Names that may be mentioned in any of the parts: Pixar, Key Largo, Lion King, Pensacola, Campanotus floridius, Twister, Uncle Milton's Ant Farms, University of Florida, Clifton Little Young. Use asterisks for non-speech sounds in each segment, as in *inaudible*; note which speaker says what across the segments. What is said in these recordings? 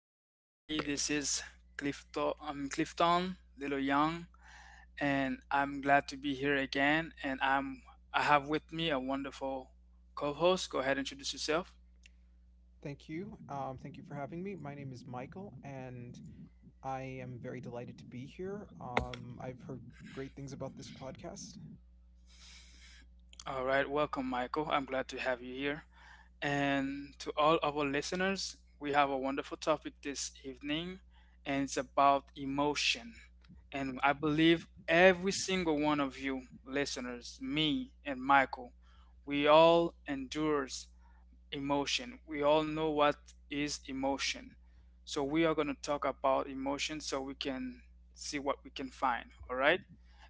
Speaker 1: hello, everybody. This is Clifton, Clifton Little Young, and I'm glad to be here again. And I have with me a wonderful co-host. Go ahead, and introduce yourself.
Speaker 2: Thank you. Thank you for having me. My name is Michael, and I am very delighted to be here. I've heard great things about this podcast.
Speaker 1: All right, welcome, Michael. I'm glad to have you here. And to all of our listeners, we have a wonderful topic this evening, and it's about emotion. And I believe every single one of you listeners, me and Michael, we all endures emotion. We all know what is emotion. So we are going to talk about emotion so we can see what we can find, all right?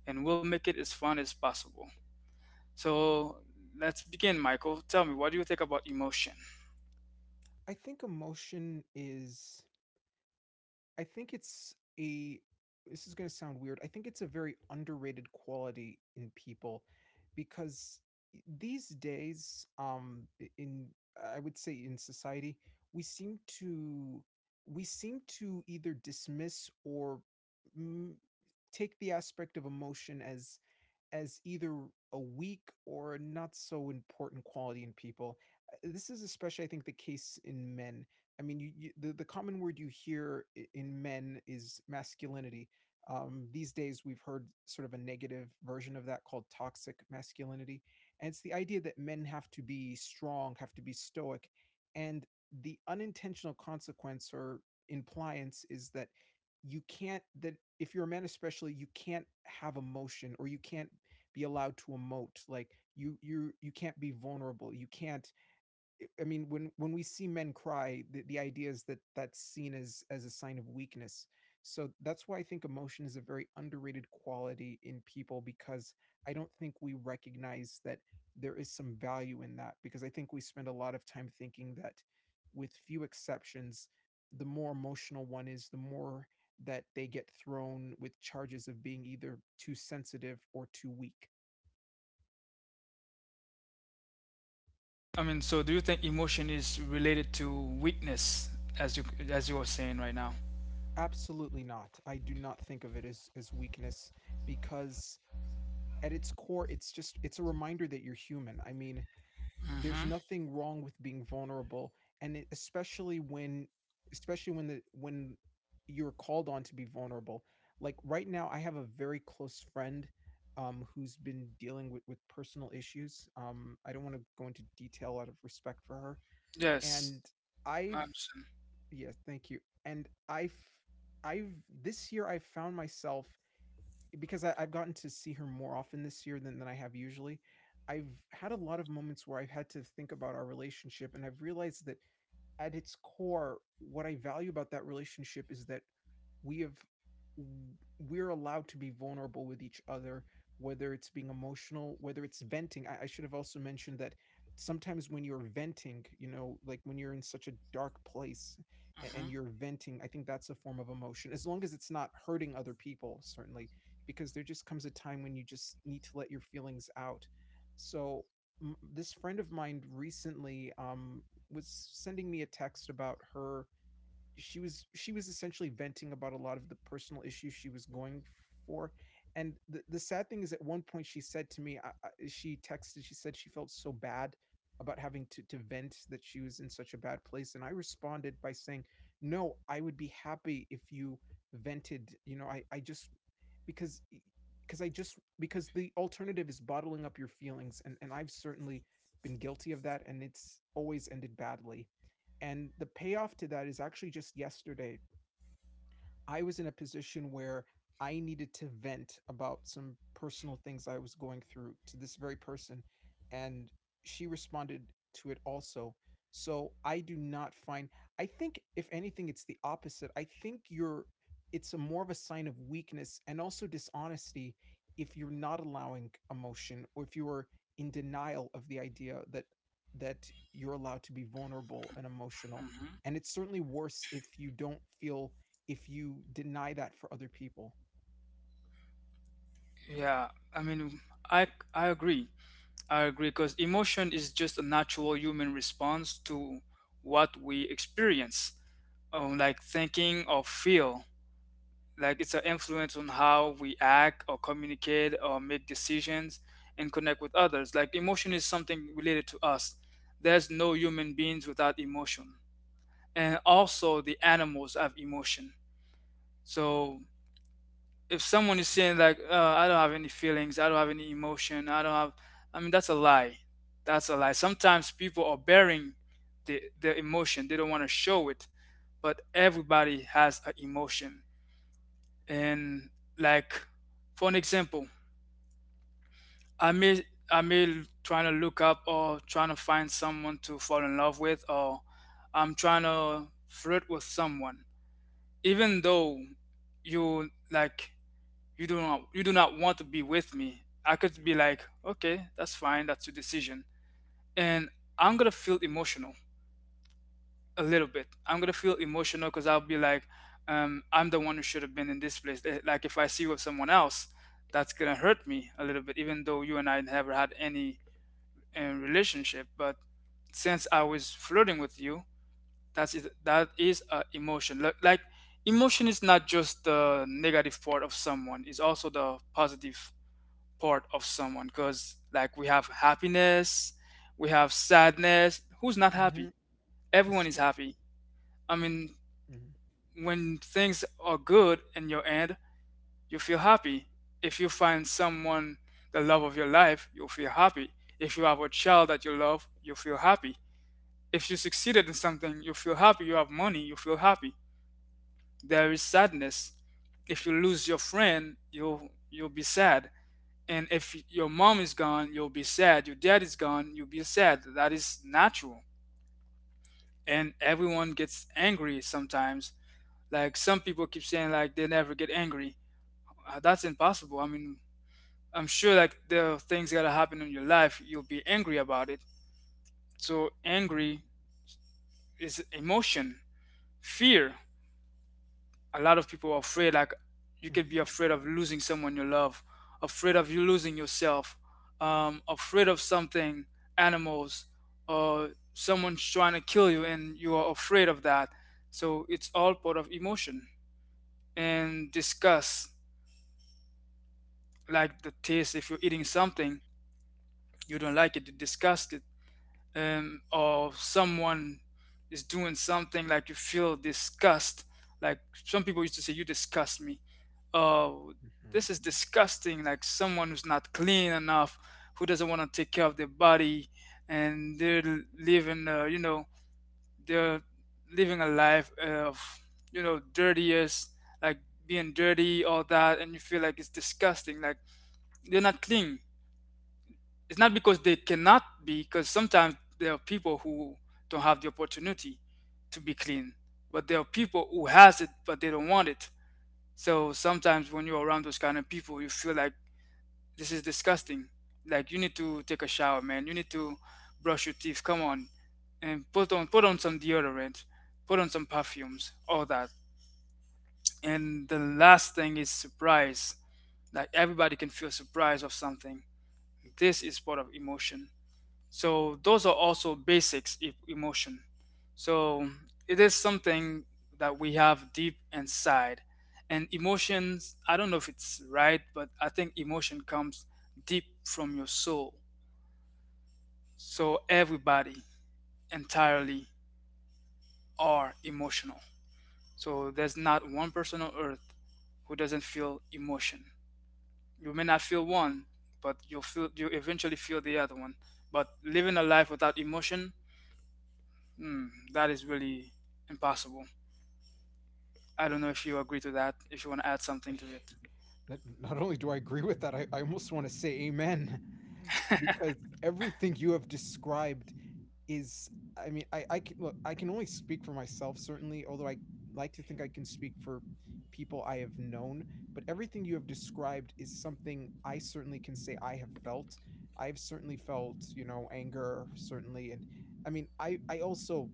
Speaker 1: And we'll make it as fun as possible. So let's begin, Michael. Tell me, what do you think about emotion?
Speaker 2: I think emotion is I think it's a this is going to sound weird. I think it's a very underrated quality in people because these days in I would say in society we seem to we seem to either dismiss or mm, take the aspect of emotion as either a weak or a not so important quality in people. This is especially, I think, the case in men. I mean, the common word you hear in men is masculinity. These days, we've heard sort of a negative version of that called toxic masculinity, and it's the idea that men have to be strong, have to be stoic, and the unintentional consequence or impliance is that you can't that if you're a man especially you can't have emotion or you can't be allowed to emote. Like you can't be vulnerable, you can't. I mean, when we see men cry, the idea is that that's seen as a sign of weakness. So that's why I think emotion is a very underrated quality in people, because I don't think we recognize that there is some value in that, because I think we spend a lot of time thinking that, with few exceptions, the more emotional one is, the more that they get thrown with charges of being either too sensitive or too weak.
Speaker 1: I mean, so do you think emotion is related to weakness as you as you were saying right now?
Speaker 2: Absolutely not. I do not think of it as weakness, because at its core it's a reminder that you're human. I mean, there's
Speaker 1: Mm-hmm.
Speaker 2: nothing wrong with being vulnerable, and it, especially when the when you're called on to be vulnerable. Like right now I have a very close friend who's been dealing with personal issues. I don't want to go into detail out of respect for her,
Speaker 1: Yes.
Speaker 2: and I've
Speaker 1: Absolutely.
Speaker 2: yes, thank you. And I've this year I've found myself because I've gotten to see her more often this year than, I have usually. I've had a lot of moments where I've had to think about our relationship, and I've realized that at its core, what I value about that relationship is that we have we're allowed to be vulnerable with each other, whether it's being emotional, whether it's venting. I should have also mentioned that sometimes when you're venting, like when you're in such a dark place and,
Speaker 1: Mm-hmm.
Speaker 2: and you're venting, I think that's a form of emotion, as long as it's not hurting other people, certainly, because there just comes a time when you just need to let your feelings out. So this friend of mine recently was sending me a text about her. She was she was essentially venting about a lot of the personal issues she was going for, and the sad thing is at one point she said to me she texted, she said she felt so bad about having to vent, that she was in such a bad place, and I responded by saying no, I would be happy if you vented. I just because because the alternative is bottling up your feelings, and I've certainly been guilty of that, and it's always ended badly. And the payoff to that is actually just yesterday. I was in a position where I needed to vent about some personal things I was going through to this very person, and she responded to it also. So I do not find, I think, if anything, it's the opposite. I think it's a more of a sign of weakness and also dishonesty if you're not allowing emotion, or if you are in denial of the idea that you're allowed to be vulnerable and emotional,
Speaker 1: Mm-hmm.
Speaker 2: and it's certainly worse if you don't feel if you deny that for other people.
Speaker 1: Yeah, I mean, I I agree. I agree because emotion is just a natural human response to what we experience, like thinking or feel. Like it's an influence on how we act or communicate or make decisions and connect with others. Like emotion is something related to us. There's no human beings without emotion. And also, the animals have emotion. So if someone is saying like I don't have any feelings, I don't have any emotion, I don't have, I mean that's a lie. That's a lie. Sometimes people are bearing their emotion, they don't want to show it, but everybody has an emotion. And like for an example, i may I may trying to look up or trying to find someone to fall in love with, or I'm trying to flirt with someone. Even though you like, you do not want to be with me, I could be like, okay, that's fine, that's your decision. And I'm gonna feel emotional a little bit. I'm gonna feel emotional because I'll be like, I'm the one who should have been in this place. Like if I see you with someone else, that's gonna hurt me a little bit, even though you and I never had any relationship. But since I was flirting with you, that is a emotion. Like emotion is not just the negative part of someone, it's also the positive part of someone. Because like we have happiness, we have sadness. Who's not
Speaker 2: Mhm,
Speaker 1: happy? Everyone is happy, I mean,
Speaker 2: mhm,
Speaker 1: when things are good in your end, you feel happy. If you find someone, the love of your life, you'll feel happy. If you have a child that you love, you feel happy. If you succeeded in something, you feel happy. You have money, you feel happy. There is sadness. If you lose your friend, you'll be sad. And if your mom is gone, you'll be sad. Your dad is gone, you'll be sad. That is natural. And everyone gets angry sometimes. Like some people keep saying like they never get angry. That's impossible. I mean, I'm sure like there are things that happen in your life, you'll be angry about it. So
Speaker 2: mhm,
Speaker 1: angry is emotion. Fear, a lot of people are afraid. Like you could be afraid of losing someone you love, afraid of you losing yourself, afraid of something, animals, or someone's trying to kill you and you are afraid of that. So it's all part of emotion. And disgust, like the taste, if you're eating something you don't like it, you disgust it. Or someone is doing something like you feel disgust. Like some people used to say, you disgust me. Oh,
Speaker 2: mhm,
Speaker 1: this is disgusting. Like someone who's not clean enough, who doesn't want to take care of their body, and they're living you know, they're living a life of, you know, dirtiest, like being dirty, all that, and you feel like it's disgusting. Like they're not clean. It's not because they cannot be, because sometimes there are people who don't have the opportunity to be clean. But there are people who has it, but they don't want it. So sometimes when you're around those kind of people, you feel like this is disgusting. Like you need to take a shower, man. You need to brush your teeth, come on. And put on some deodorant, put on some perfumes, all that. And the last thing is surprise. Like everybody can feel surprise of something. This is part of emotion. So those are also basics emotion. So it is something that we have deep inside. And emotions, I don't know if it's right, but I think emotion comes deep from your soul. So everybody entirely are emotional. So there's not one person on earth who doesn't feel emotion. You may not feel one, but you eventually feel the other one. But living a life without emotion, that is really impossible. I don't know if you agree to that, if you want to add
Speaker 2: mhm.
Speaker 1: something to it.
Speaker 2: *laughs* That, *sighs* not only do I agree with that, I almost want to say amen *laughs* because everything you have described is, I mean, I can look, I can only speak for myself, certainly, although I like to think I can speak for people I have known. But everything you have described is something I certainly can say I have felt. I've certainly felt, you know, anger, certainly. And I mean, I also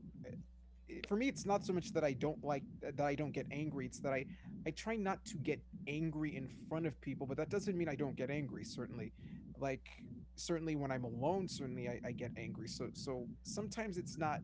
Speaker 2: for me it's not so much that I don't like that I don't get angry, it's that I try not to get angry in front of people, but that doesn't mean I don't get angry, certainly. Like certainly when I'm alone, certainly I get angry. So sometimes it's not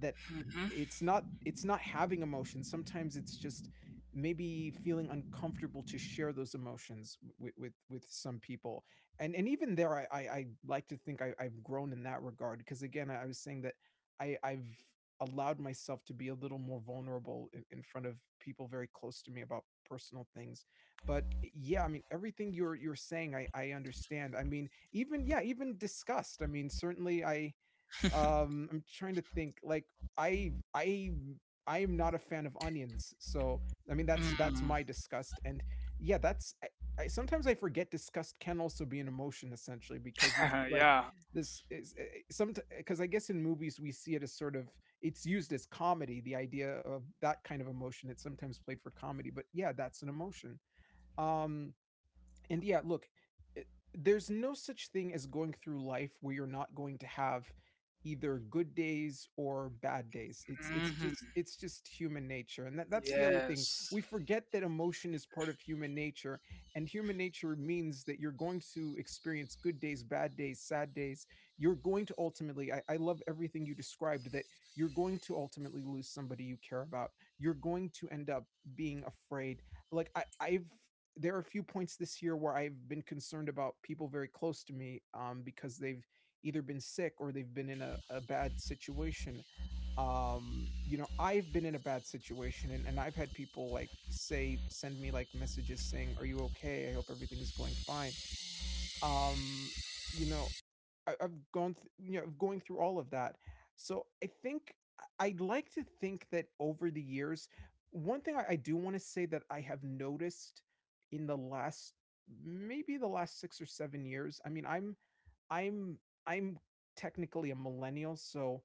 Speaker 2: that
Speaker 1: hmm
Speaker 2: it's not having emotions, sometimes it's just maybe feeling uncomfortable to share those emotions with with some people. And even there I like to think I've grown in that regard, because again I was saying that I've allowed myself to be a little more vulnerable in front of people very close to me about personal things. But yeah, I mean, everything you're saying I understand. I mean, even yeah, even disgust. I mean, certainly I'm trying to think like i i I am not a fan of onions, so I mean that's
Speaker 1: Mm.
Speaker 2: my disgust. And yeah, that's sometimes I forget disgust can also be an emotion, essentially, because it's
Speaker 1: *laughs*
Speaker 2: like
Speaker 1: Yeah.
Speaker 2: this is some, because I guess in movies we see it as sort of it's used as comedy, the idea of that kind of emotion, it's sometimes played for comedy, but yeah, that's an emotion. um and yeah, look, i- there's no such thing as going through life where you're not going to have either good days or bad days. It's just
Speaker 1: hmm
Speaker 2: human nature. And that's the other thing.
Speaker 1: Yes.
Speaker 2: We forget that emotion is part of human nature, and human nature means that you're going to experience good days, bad days, sad days. You're going to ultimately I love everything you described, that you're going to ultimately lose somebody you care about. You're going to end up being afraid. Like I've there are a few points this year where I've been concerned about people very close to me, because they've either been sick or they've been in a bad situation. You know, I've been in a bad situation, and, I've had people like say, send me like messages saying, "Are you okay? I hope everything is going fine." Um, you know, I've gone, you know, going through all of that. So I think would like to think that over the years, one thing I do want to say that I have noticed in the last maybe the last 6 or 7 years. I mean, I'm I'm technically a millennial, so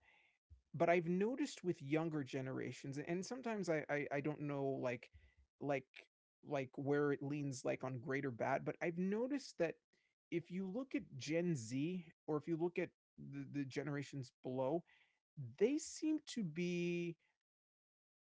Speaker 2: but I've noticed with younger generations, and sometimes I don't know like like where it leans, like on great or bad, but I've noticed that if you look at Gen Z, or if you look at the generations below, they seem to be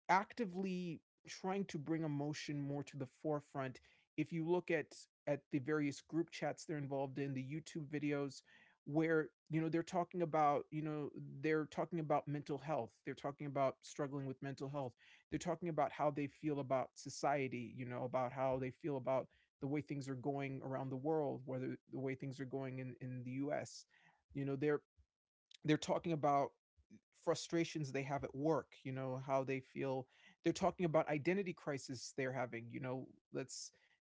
Speaker 2: actively trying to bring emotion more to the forefront. If you look at the various group chats they're involved in, the YouTube videos where, you know, they're talking about, you know, they're talking about mental health, they're talking about struggling with mental health, they're talking about how they feel about society, you know, about how they feel about the way things are going around the world, whether the way things are going in the US, you know, they're talking about frustrations they have at work, you know, how they feel. They're talking about identity crisis they're having, you know, let's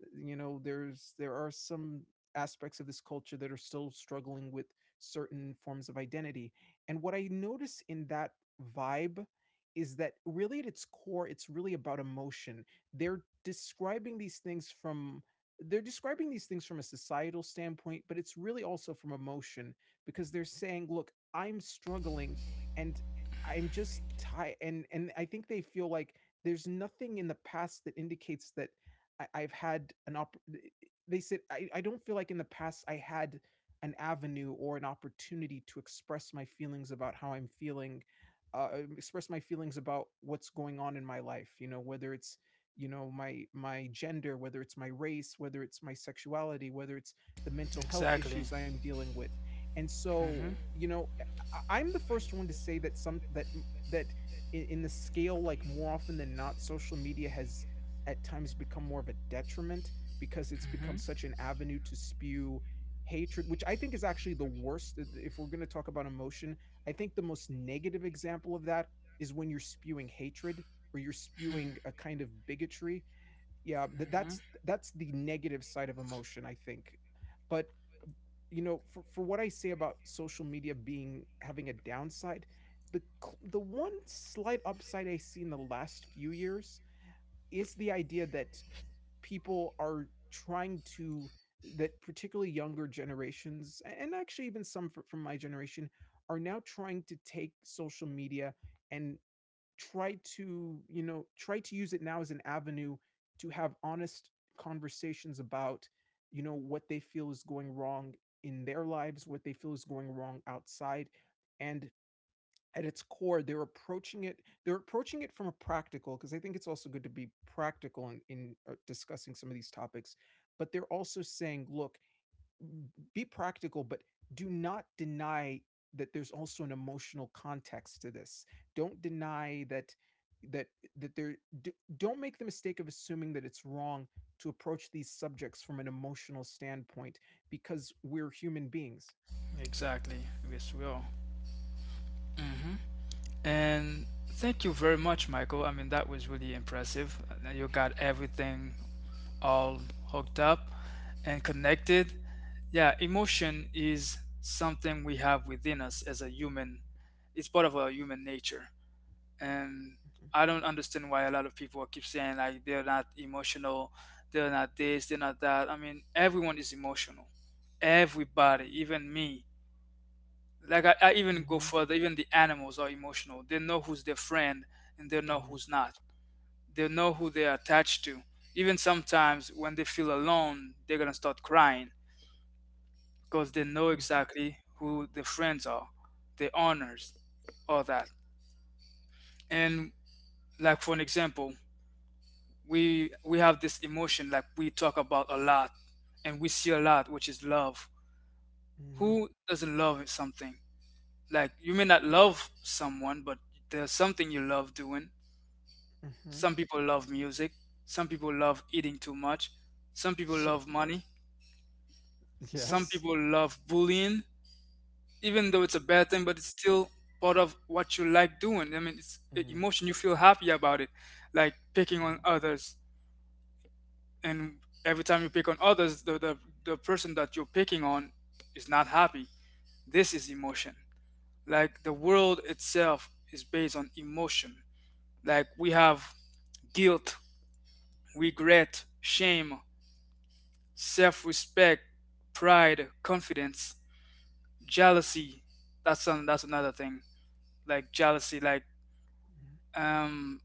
Speaker 2: you know, there are some aspects of this culture that are still struggling with certain forms of identity. And what I notice in that vibe is that really at its core it's really about emotion. they're describing these things from they're describing these things from a societal standpoint, but it's really also from emotion, because they're saying, look, I'm struggling, and I'm just tired. And I think they feel like there's nothing in the past that indicates that I, I've had an op. They said, I don't feel like in the past I had an avenue or an opportunity to express my feelings about how I'm feeling, express my feelings about what's going on in my life." You know, whether it's my gender, whether it's my race, whether it's my sexuality, whether it's the mental health
Speaker 1: Exactly.
Speaker 2: issues I'm dealing with. And so,
Speaker 1: hmm
Speaker 2: I'm the first one to say that some that that in the scale, like, more often than not, social media has at times become more of a detriment because it's become
Speaker 1: hmm
Speaker 2: such an avenue to spew hatred, which I think is actually the worst. If we're going to talk about emotion, I think the most negative example of that is when you're spewing hatred or you're spewing a kind of bigotry. Yeah, th-
Speaker 1: hmm
Speaker 2: that's that's the negative side of emotion, I think. But, you know, for what I say about social media being having a downside, the one slight upside I see in the last few years is the idea that people are trying to that particularly younger generations, and actually even some from my generation, are now trying to take social media and try to, you know, try to use it now as an avenue to have honest conversations about, you know, what they feel is going wrong in their lives, what they feel is going wrong outside. And at its core, they're approaching it from a practical, because I think it's also good to be practical in, discussing some of these topics. But they're also saying, look, be practical, but do not deny that there's also an emotional context to this. Don't deny that that there don't make the mistake of assuming that it's wrong to approach these subjects from an emotional standpoint because we're human beings.
Speaker 1: Exactly. Yes, we will. hmm And thank you very much, Michael. I mean, that was really impressive. You got everything all hooked up and connected. Yeah, emotion is something we have within us as a human. It's part of our human nature. And
Speaker 2: Mm-hmm.
Speaker 1: I don't understand why a lot of people keep saying like they're not emotional, they're not this, they're not that. I mean, everyone is emotional. Everybody, even me, like I even go
Speaker 2: Mm-hmm.
Speaker 1: further, even the animals are emotional. They know who's their friend and they know
Speaker 2: Mm-hmm.
Speaker 1: who's not. They know who they're attached to. Even sometimes when they feel alone, they're gonna start crying because they know exactly who their friends are, their honors, all that. And like for an example, we have this emotion like we talk about a lot and we see a lot, which is love.
Speaker 2: Mm-hmm.
Speaker 1: Who doesn't love something? Like you may not love someone, but there's something you love doing.
Speaker 2: Mm-hmm. Mm-hmm.
Speaker 1: Some people love music. Some people love eating too much. Some people
Speaker 2: Sure.
Speaker 1: love money.
Speaker 2: *laughs*
Speaker 1: Some
Speaker 2: Yes.
Speaker 1: people love bullying, even though it's a bad thing, but it's still part of what you like doing. I mean, it's a
Speaker 2: Mm-hmm.
Speaker 1: emotion, you feel happy about it, like picking on
Speaker 2: Mm-hmm.
Speaker 1: others. And every time you pick on others, the person that you're picking on is not happy. This is emotion. Like the world itself is based on emotion. Like we have guilt, regret, shame, self respect, pride, confidence, jealousy. That's an, that's another thing. Like jealousy, like um,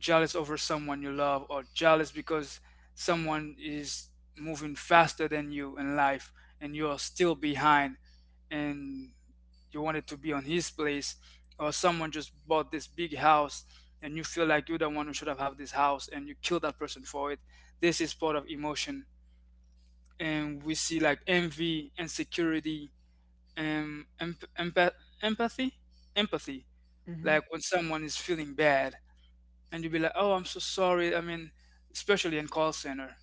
Speaker 1: jealous over someone you love, or jealous because someone is moving faster than you in life, and you're still behind, and you wanted to be on his place, or someone just bought this big house. And you feel like you're the one who should have had this house, and you kill that person for it. This is part of emotion. And we see like envy, insecurity, and empathy, empathy.
Speaker 2: Mm-hmm, mm-hmm.
Speaker 1: Like when someone is feeling bad, and you be like, "Oh, I'm so sorry." I mean, especially in call center,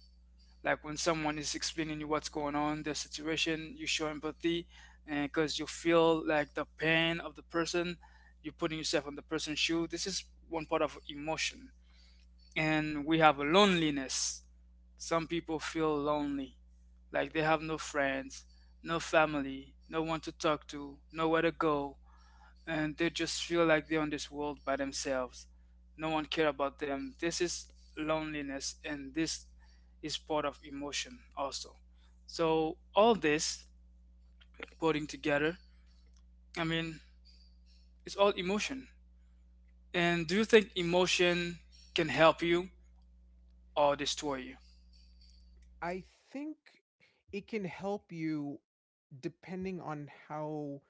Speaker 1: like when someone is explaining you what's going on, their situation, you show empathy, and because you feel like the pain of the person, you're putting yourself on the person's shoe. This is one part of emotion. And we have a loneliness. Some people feel lonely, like they have no friends, no family, no one to talk to, nowhere to go, and they just feel like they're on this world by themselves. No one care about them. This is loneliness, and this is part of emotion also. So all this putting together, I mean, it's all emotion. And do you think emotion can help you or destroy you?
Speaker 2: I think it can help you depending on how—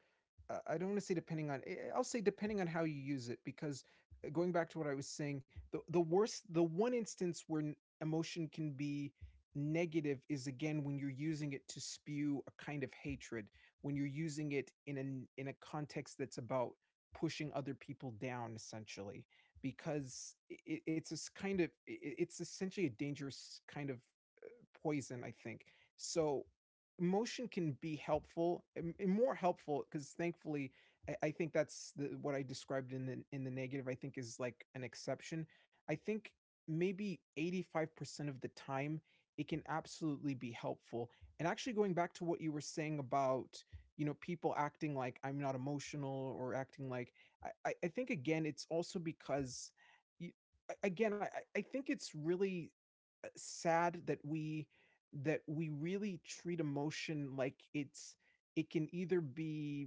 Speaker 2: I don't want to say depending on— will say depending on how you use it, because, going back to what I was saying, the one instance where emotion can be negative is, again, when you're using it to spew a kind of hatred, when you're using it in an in a context that's about pushing other people down, essentially, because it's this kind of— it's essentially a dangerous kind of poison, I think. So, motion can be helpful, and more helpful, because thankfully think that's what I described in the— in the negative I think is like an exception. I think maybe 85% of the time it can absolutely be helpful. And actually, going back to what you were saying about, you know, people acting like I'm not emotional, or acting like— think, again, it's also because you, again, I think it's really sad that we— that we really treat emotion like it's— it can either be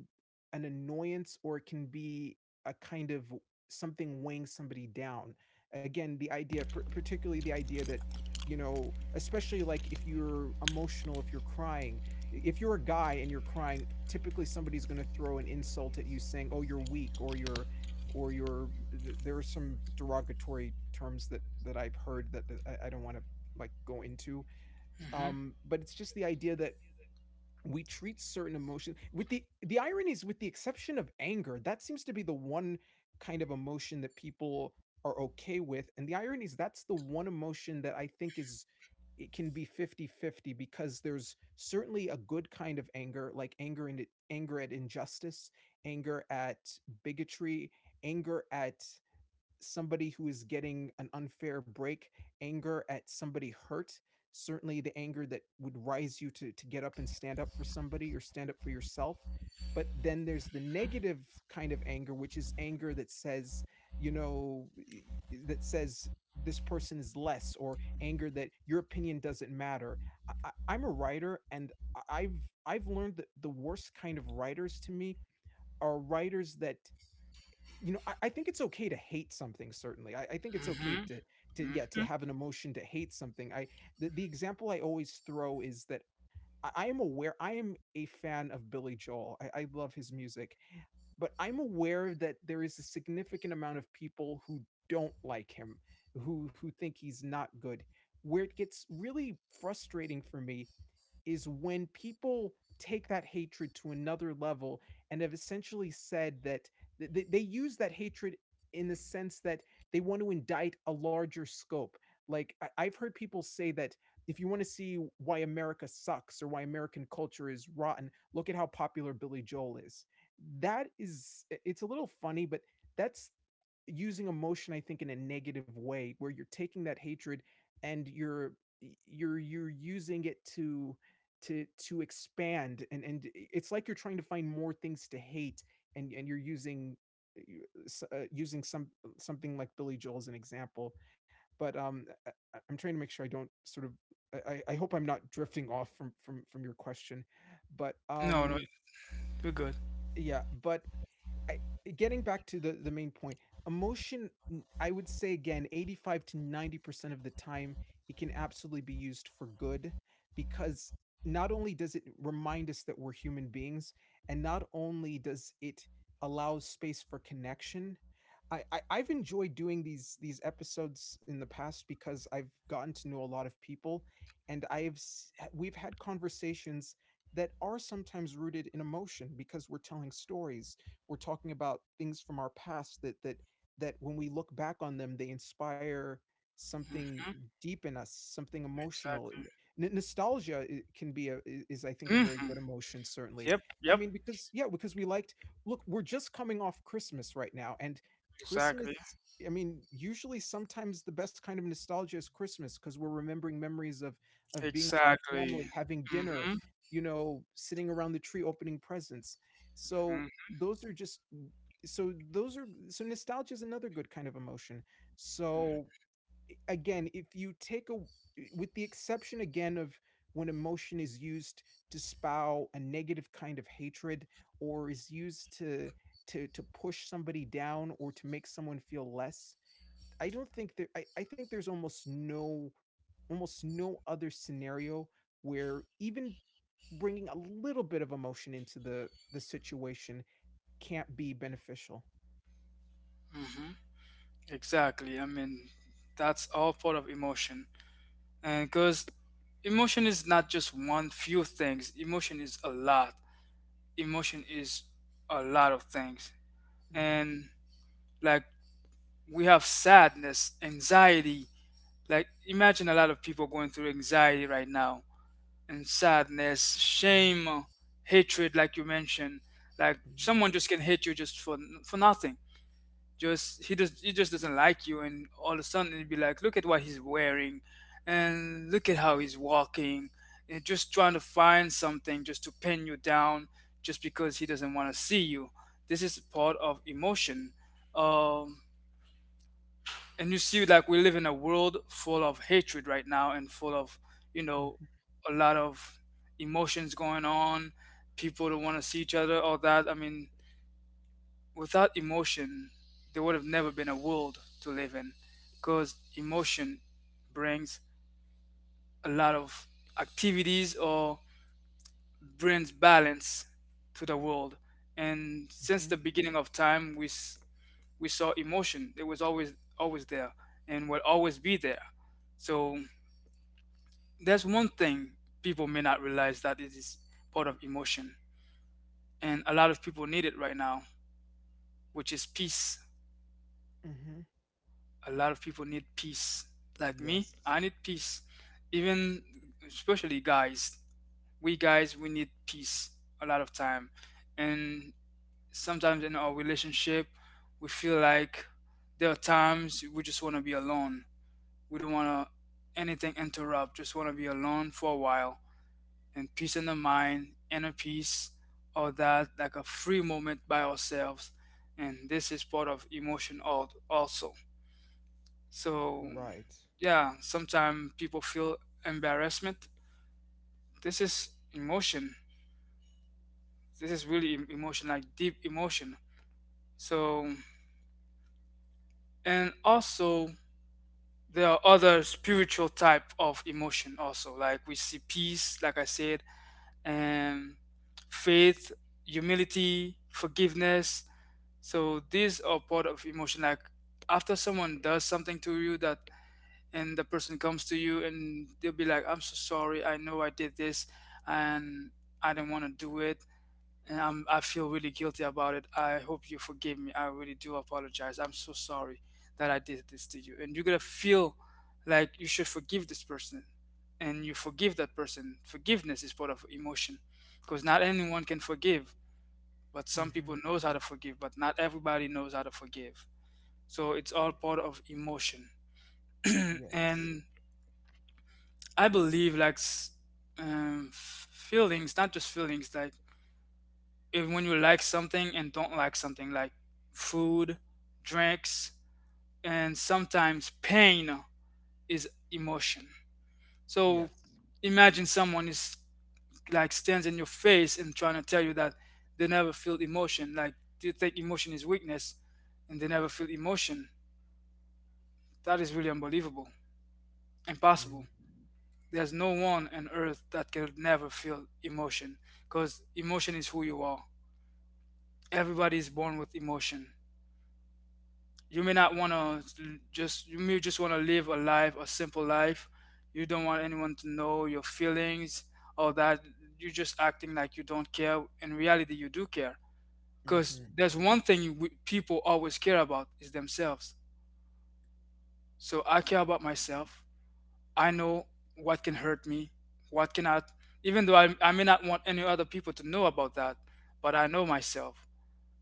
Speaker 2: an annoyance, or it can be a kind of something weighing somebody down. Again, the idea, particularly the idea that, you know, especially, like, if you're emotional, if you're crying, if you're a guy and you're crying, typically somebody's going to throw an insult at you saying, oh, you're weak, or you're— or you're— there are some derogatory terms that I've heard that, I don't want to, like, go into. But it's just the idea that we treat certain emotions with— the irony is, with the exception of anger, that seems to be the one kind of emotion that people are okay with. And the irony is, that's the one emotion that I think is— it can be 50-50, because there's certainly a good kind of anger, like anger— and anger at injustice, anger at bigotry, anger at somebody who is getting an unfair break, anger at somebody hurt, certainly the anger that would rise you to, get up and stand up for somebody, or stand up for yourself. But then there's the negative kind of anger, which is anger that says, you know, that says this person is less, or anger that your opinion doesn't matter. Am a writer, and I've learned that the worst kind of writers to me are writers that, you know, I think it's okay to hate something. Certainly, I think it's okay to—
Speaker 1: hmm hmm
Speaker 2: have an emotion to hate something. I— the example I always throw is that, I am aware— I am a fan of Billy Joel. I love his music, but I'm aware that there is a significant amount of people who don't like him, who think he's not good. Where it gets really frustrating for me is when people take that hatred to another level and have essentially said that— they use that hatred in the sense that they want to indict a larger scope. Like, I've heard people say that if you want to see why America sucks, or why American culture is rotten, look at how popular Billy Joel is. That is— it's a little funny, but that's using emotion, I think, in a negative way, where you're taking that hatred and you're— you're using it to— expand and— it's like you're trying to find more things to hate, and you're using— uh, using some something like Billy Joel as an example. But am trying to make sure I don't sort of— I hope I'm not drifting off from your question, but
Speaker 1: No, no, you're good.
Speaker 2: yeah. But I, getting back to the main point, emotion, I would say, again, 85 to 90% of the time, it can absolutely be used for good, because not only does it remind us that we're human beings, and not only does it allow space for connection. I've enjoyed doing these episodes in the past, because I've gotten to know a lot of people, and we've had conversations that are sometimes rooted in emotion, because we're telling stories, we're talking about things from our past that when we look back on them, they inspire something
Speaker 1: hmm
Speaker 2: deep in us, something emotional.
Speaker 1: Exactly.
Speaker 2: Nostalgia— can be a— is, I think, a
Speaker 1: hmm
Speaker 2: very good emotion, certainly.
Speaker 1: Yep,
Speaker 2: I
Speaker 1: yep.
Speaker 2: mean, because, yeah, because we liked— look, we're just coming off Christmas right now, and
Speaker 1: Exactly.
Speaker 2: Christmas— I mean, usually, sometimes the best kind of nostalgia is Christmas, because we're remembering memories of— of being with our
Speaker 1: Exactly.
Speaker 2: family, having
Speaker 1: hmm
Speaker 2: dinner, you know, sitting around the tree, opening presents. So,
Speaker 1: Mm-hmm.
Speaker 2: those are just— so, those are— so nostalgia is another good kind of emotion. So, again, if you take a— with the exception, again, of when emotion is used to spout a negative kind of hatred, or is used to— push somebody down, or to make someone feel less, I don't think there— I think there's almost no— almost no other scenario where even bringing a little bit of emotion into the situation can't be beneficial.
Speaker 1: Mm-hmm. Exactly. I mean, that's all part of emotion. And because emotion is not just one few things, emotion is a lot. Emotion is a lot of things.
Speaker 2: Mhm,
Speaker 1: And like we have sadness, anxiety. Like imagine a lot of people going through anxiety right now. And sadness,
Speaker 2: mhm,
Speaker 1: shame, hatred, like you mentioned. Like
Speaker 2: mhm.
Speaker 1: someone just can hate you just for nothing. Just he just doesn't like you, and all of a sudden it'd be like, look at what he's wearing, and look at how he's walking, and just trying to find something just to pin you down, just because he doesn't want to see you. This is part of emotion. Um, and you see, like, we live in a world full of hatred right now and full of you know
Speaker 2: Mhm,
Speaker 1: a lot of emotions going on. People don't want to see each other, all that. I mean, without emotion there would have never been a world to live in, because emotion brings a lot of activities, or brings balance to the world. And since the
Speaker 2: mhm,
Speaker 1: beginning of time we saw emotion. It was always, always there, and will always be there. So there's one thing people may not realize that it is part of emotion, and a lot of people need it right now, which is peace.
Speaker 2: mhm.
Speaker 1: A lot of people need peace. Like me,
Speaker 2: Yes.
Speaker 1: I need peace. Even, especially guys, we need peace a lot of time. And sometimes in our relationship we feel like there are times we just want to be alone. We don't want to anything interrupt, just want to be alone for a while. And peace in the mind, inner peace, all that, like a free moment by ourselves. And this is part of emotion also. So,
Speaker 2: Right.
Speaker 1: yeah, sometimes people feel embarrassment. This is emotion. This is really emotion, like deep emotion. So, and also, there are other spiritual type of emotion also. Like we see peace, like I said, and faith, humility, forgiveness. So these are part of emotion. Like after someone does something to you that, and the person comes to you and they'll be like, "I'm so sorry. I know I did this, and I didn't want to do it, and I feel really guilty about it. I hope you forgive me. I really do apologize. I'm so sorry that I did this to you." And you're gonna feel like you should forgive this person, and you forgive that person. Forgiveness is part of emotion, because not anyone can forgive. But some people
Speaker 2: Mhm.
Speaker 1: knows how to forgive, but not everybody knows how to forgive. So it's all part of emotion. *clears throat*
Speaker 2: Yes.
Speaker 1: And I believe, like feelings, not just feelings, like if when you like something and don't like something, like food, drinks, and sometimes pain, is emotion. So
Speaker 2: Yes.
Speaker 1: imagine someone is like stands in your face and trying to tell you that they never feel emotion. Like, do you think emotion is weakness, and they never feel emotion? That is really unbelievable. Impossible.
Speaker 2: Mhm,
Speaker 1: There's no one on earth that can never feel emotion, because emotion is who you are. Everybody is born with emotion. You may not want to just, you may just want to live a life, a simple life. You don't want anyone to know your feelings, or that you're just acting like you don't care. In reality, you do care, because
Speaker 2: mhm.
Speaker 1: there's one thing people always care about is themselves. So I care about myself. I know what can hurt me, what cannot, even though I may not want any other people to know about that, but I know myself.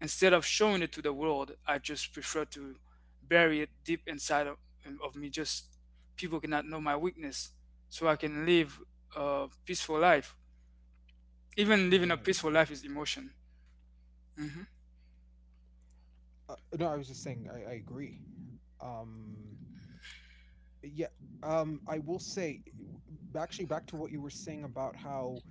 Speaker 1: Instead of showing it to the world, I just prefer to bury it deep inside of me. Just, people cannot know my weakness, so I can live a peaceful life. Even living a
Speaker 2: Right.
Speaker 1: peaceful life is emotion. Hmm.
Speaker 2: No, I was just saying I agree. Um Yeah. I will say, actually, back to what you were saying about how,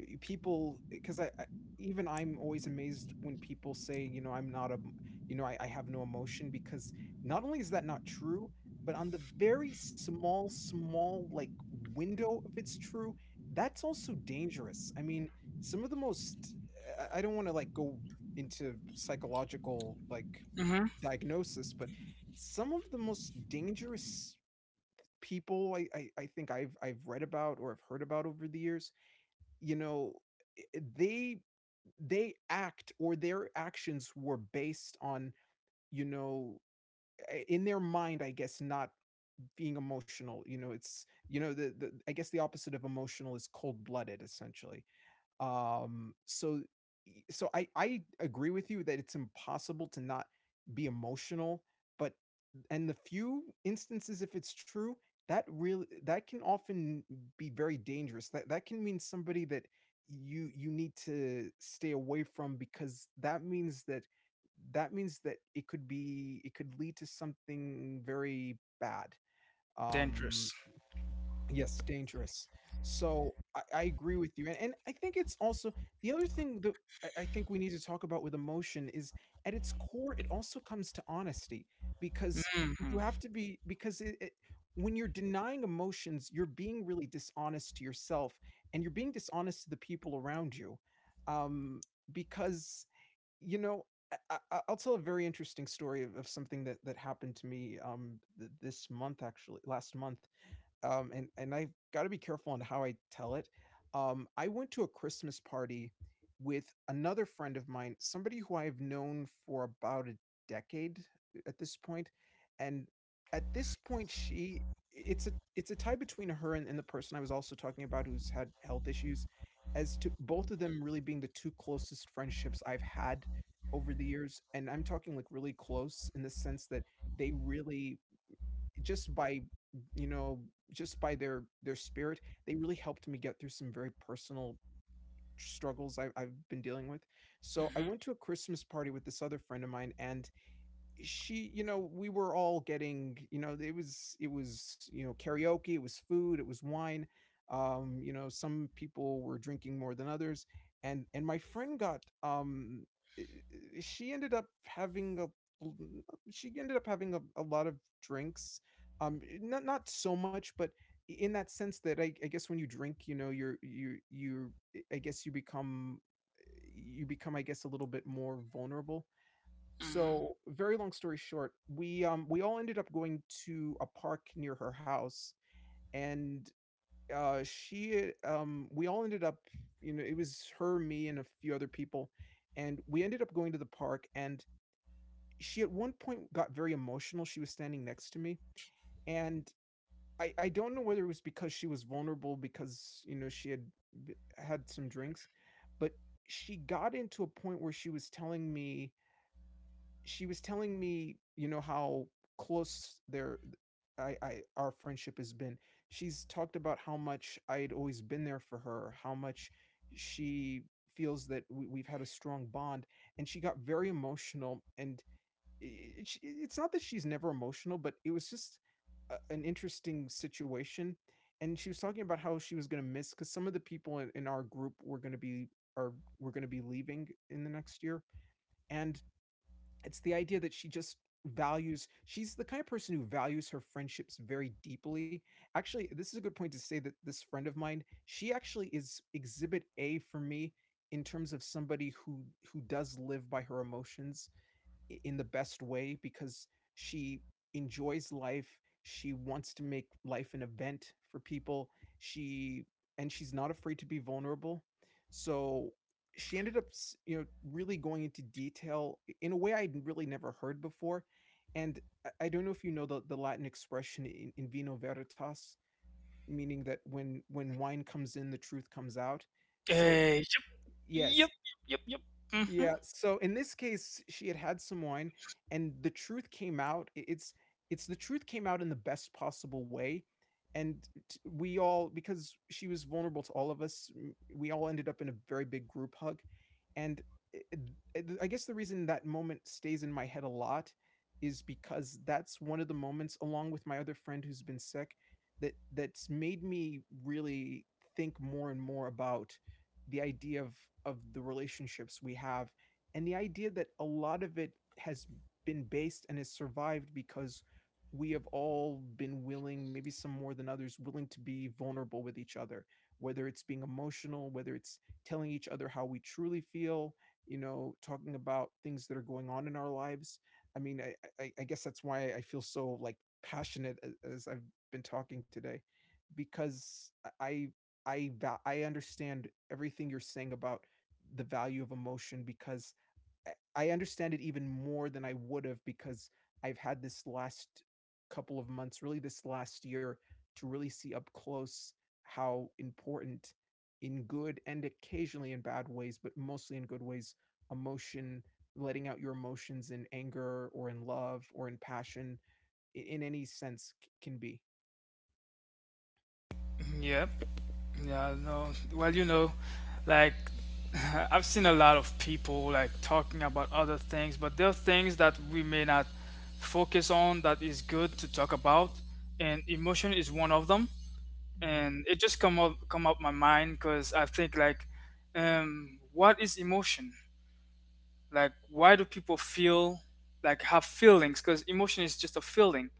Speaker 2: people, because I even I'm always amazed when people say, you know, "I'm not a m— you know, I have no emotion," because not only is that not true, but on the very small, like, window— if it's true, that's also dangerous. I mean, some of the most— I don't wanna, like, go into psychological, like,
Speaker 1: Hmm.
Speaker 2: diagnosis. But some of the most dangerous people I think I've read about, or I've heard about over the years, you know, they— they act, or their actions were based on, you know, in their mind, I guess, not being emotional. You know, it's, you know, the, I guess, the opposite of emotional is cold-blooded, essentially. um, so so I agree with you that it's impossible to not be emotional. But, and the few instances if it's true, that really— that can often be very dangerous. That— that can mean somebody that you need to stay away from, because that means that— that means that it could be— it could lead to something very bad. Um
Speaker 1: Dangerous.
Speaker 2: Yes, dangerous. So, I agree with you. And, I think it's also the other thing that, I think we need to talk about with emotion is, at its core, it also comes to honesty. Because
Speaker 1: Hmm.
Speaker 2: you have
Speaker 1: Hmm.
Speaker 2: to be, because when you're denying emotions, you're being really dishonest to yourself, and you're being dishonest to the people around you. Um, because, you know, I'll tell a very interesting story of something that, that happened to me this month— actually, last month. And I've got to be careful on how I tell it. I went to a Christmas party with another friend of mine, somebody who I've known for about a decade at this point, and at this point, she it's a tie between her and the person I was also talking about who's had health issues, as to both of them really being the two closest friendships I've had over the years. And I'm talking like really close in the sense that they really just by you know just by their spirit they really helped me get through some very personal struggles I've been dealing with. So I went to a christmas party with this other friend of mine, and she you know we were all getting, it was karaoke, it was food, it was wine. Some people were drinking more than others, and my friend got she ended up having a l- she ended up having a lot of drinks. Not so much but in that sense that I guess when you drink you're you you I guess you become you become I guess a little bit more vulnerable.
Speaker 1: Hmm.
Speaker 2: So, very long story short, we all ended up going to a park near her house, and, we all ended up, it was her, me, and a few other people, and we ended up going to the park, and she at one point got very emotional. She was standing next to me, and I don't know whether it was because she was vulnerable because, you know, she had had some drinks, but she got into a point where she was telling me, she was telling me, you know, how close their I our friendship has been. She's talked about how much I would always been there for her, how much she feels that we've had a strong bond, and she got very emotional. And it's not that she's never emotional, but it was just an interesting situation. And she was talking about how she was going to miss because some of the people in our group were going to be are were going to be leaving in the next year, and it's the idea that she just values she's the kind of person who values her friendships very deeply. Actually, this is a good point to say that this friend of mine, she actually is exhibit A for me in terms of somebody who does live by her emotions in the best way because she enjoys life. She wants to make life an event for people. She she's not afraid to be vulnerable. So she ended up, you know, really going into detail in a way I'd really never heard before. And I don't know if you know the Latin expression in vino veritas, meaning that when wine comes in, the truth comes out.
Speaker 1: Yep,
Speaker 2: So
Speaker 1: yep,
Speaker 2: yes,
Speaker 1: yep, yep, yep. Hmm.
Speaker 2: yeah, so in this case, she had had some wine, and the truth came out. It's the truth came out in the best possible way, and we all because she was vulnerable to all of us. We all ended up in a very big group hug, and i- I guess the reason that moment stays in my head a lot is because that's one of the moments, along with my other friend who's been sick, that that's made me really think more and more about the idea of the relationships we have and the idea that a lot of it has been based and has survived because we have all been willing, maybe some more than others, willing to be vulnerable with each other, whether it's being emotional, whether it's telling each other how we truly feel, you know, talking about things that are going on in our lives. i mean i I guess that's why I feel so like passionate as I've been talking today because i I I understand everything you're saying about the value of emotion because I, understand it even more than I would have because I've had this last couple of months, really this last year, to really see up close how important, in good and occasionally in bad ways, but mostly in good ways, emotion, letting out your emotions in anger or in love or in passion in any sense can be.
Speaker 1: Yep. Yeah, no. Well, like, *laughs* I've seen a lot of people like talking about other things, but there are things that we may not focus on that is good to talk about, and emotion is one of them.
Speaker 2: Hmm.
Speaker 1: And it just come up my mind because I think, like, what is emotion? Like, why do people feel, like, have feelings? Because emotion is just a feeling.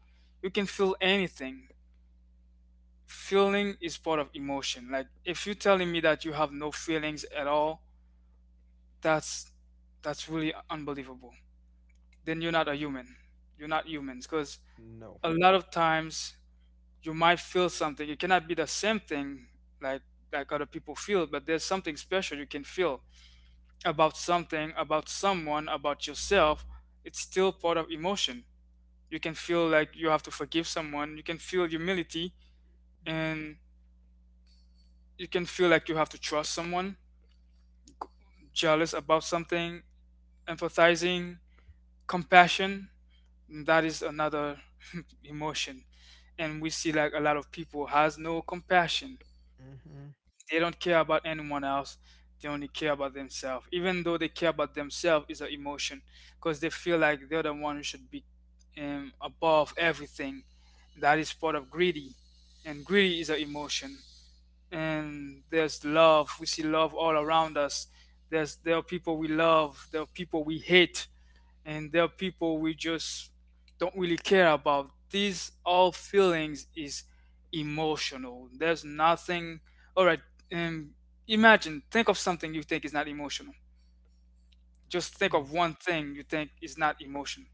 Speaker 1: You can feel anything. Feeling is part of emotion. Like, if you're telling me that you have no feelings at all, that's that's really unbelievable, then you're not a human, you're not humans, because
Speaker 2: No.
Speaker 1: a lot of times you might feel something, it cannot be the same thing, like like other people feel, but there's something special you can feel about something, about someone, about yourself. It's still part of emotion. You can feel like you have to forgive someone, you can feel humility, and you can feel like you have to trust someone, jealous about something, empathizing, compassion. That is another *laughs* emotion. And we see, like, a lot of people has no compassion.
Speaker 2: Hmm.
Speaker 1: They don't care about anyone else. They only care about themselves. Even though they care about themselves is an emotion, because they feel like they're the one who should be, above everything. That is part of greedy. And greedy is an emotion. And there's love. We see love all around us. There are people we love, there are people we hate, and there are people we just don't really care about. These all feelings is emotional. There's nothing. All right, um, imagine think of something you think is not emotional. Just think of one thing you think is not emotional.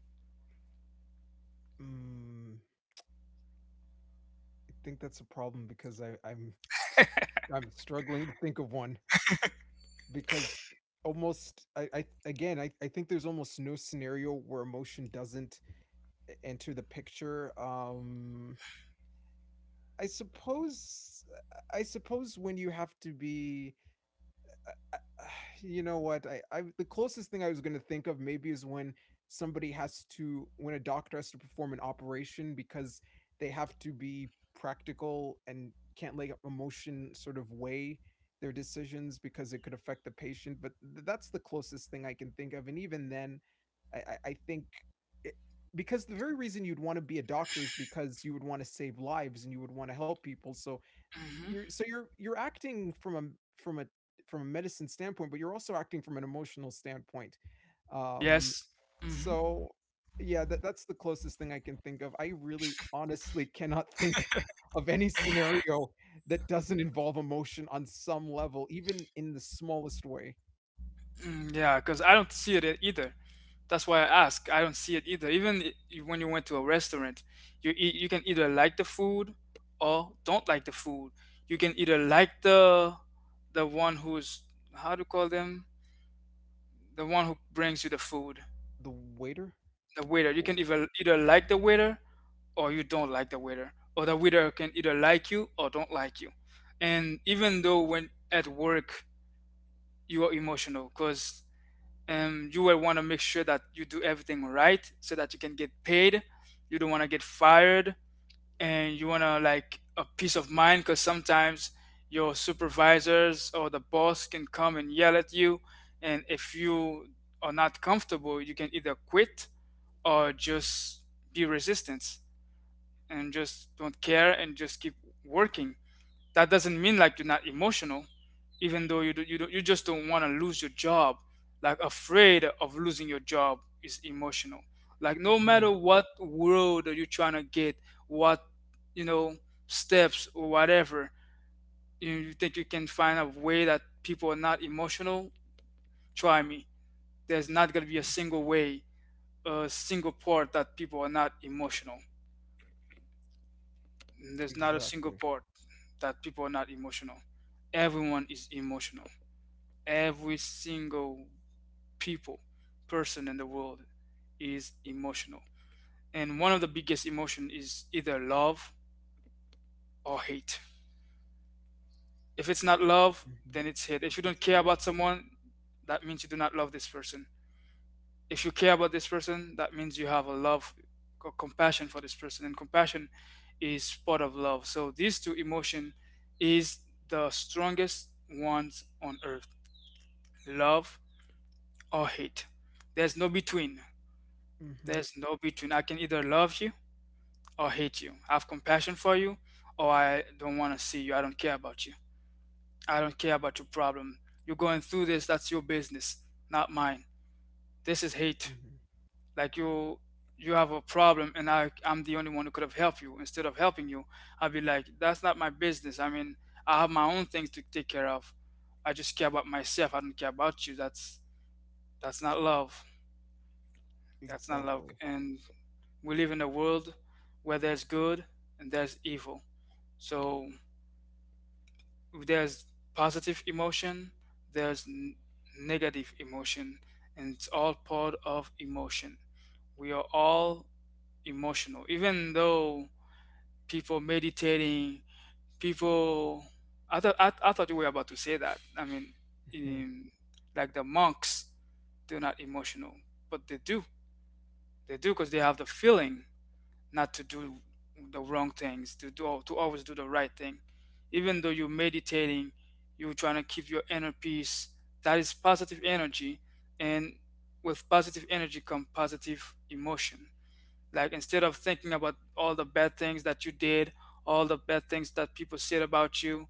Speaker 2: Mm, I think that's a problem because s- I'm struggling to think of one because almost I again I think there's almost no scenario where emotion doesn't enter the picture. I suppose when you have to be I- *sighs* you know what? I the closest thing I was going to think of maybe is when somebody has to when a doctor has to perform an operation because they have to be practical and can't let emotion sort of weigh their decisions because it could affect the patient. But that's the closest thing I can think of, and even then, I think. it- Because the very reason you'd want to be a doctor is because you would want to save lives and you would want to help people. So
Speaker 1: Hmm.
Speaker 2: you're acting from a from a from a medicine standpoint, but you're also acting from an emotional standpoint. Um,
Speaker 1: Yes. Hmm.
Speaker 2: so yeah, that's the closest thing I can think of. I really honestly cannot *laughs* think of any scenario that doesn't involve emotion on some level, even in the smallest way.
Speaker 1: Mm, yeah, because I don't see it either. That's why I ask. I don't see it either. Even when you went to a restaurant, you eat, you can either like the food or don't like the food. You can either like the one who's, how to call them, the one who brings you the food,
Speaker 2: The waiter?
Speaker 1: the waiter. You can
Speaker 2: Oh,
Speaker 1: either like the waiter or you don't like the waiter, or the waiter can either like you or don't like you. And even though when at work you are emotional, because, you will want to make sure that you do everything right so that you can get paid. You don't want to get fired, and you want to like a peace of mind, because sometimes your supervisors or the boss can come and yell at you, and if you are not comfortable, you can either quit or just be resistant and just don't care and just keep working. That doesn't mean like you're not emotional, even though you just don't want to lose your job. Like, afraid of losing your job is emotional. Like, no matter
Speaker 2: mhm,
Speaker 1: what world that you're trying to get, what, you know steps or whatever, you think you can find a way that people are not emotional, try me. There's not going to be a
Speaker 2: mhm.
Speaker 1: single way, a single part that people are not emotional. There's not a single
Speaker 2: Exactly.
Speaker 1: part that people are not emotional. Everyone is emotional. Every single people person in the world is emotional. And one of the biggest emotion is either love or hate. If it's not love
Speaker 2: Hmm.
Speaker 1: then it's hate. If you
Speaker 2: It's
Speaker 1: don't care
Speaker 2: hate.
Speaker 1: about someone, that means you do not love this person. If you care about this person, that means you have a love or compassion for this person, and compassion is part of love. So these two emotion is the strongest ones on earth: love or hate. There's no between.
Speaker 2: Hmm.
Speaker 1: There's no between. I can either love you or hate you. I have compassion for you, or I don't want to see you. I don't care about you. I don't care about your problem. You're going through this, that's your business, not mine. This is hate.
Speaker 2: Hmm.
Speaker 1: Like, you have a problem and I'm the only one who could have helped you. Instead of helping you, I would be like, that's not my business. I mean, I have my own things to take care of. I just care about myself. I don't care about you. That's not love. That's not love.
Speaker 2: Exactly.
Speaker 1: And we live in a world where there's good and there's evil. So if there's positive emotion, there's negative emotion, and it's all part of emotion. We are all emotional, even though people meditating, people. I thought, I thought you were about to say that. I mean,
Speaker 2: Hmm.
Speaker 1: in, like the monks, they're not emotional, but they do. They do because they have the feeling not to do the wrong things, to always do the right thing. Even though you're meditating, you're trying to keep your inner peace. That is positive energy, and with positive energy come positive emotion. Like, instead of thinking about all the bad things that you did, all the bad things that people said about you,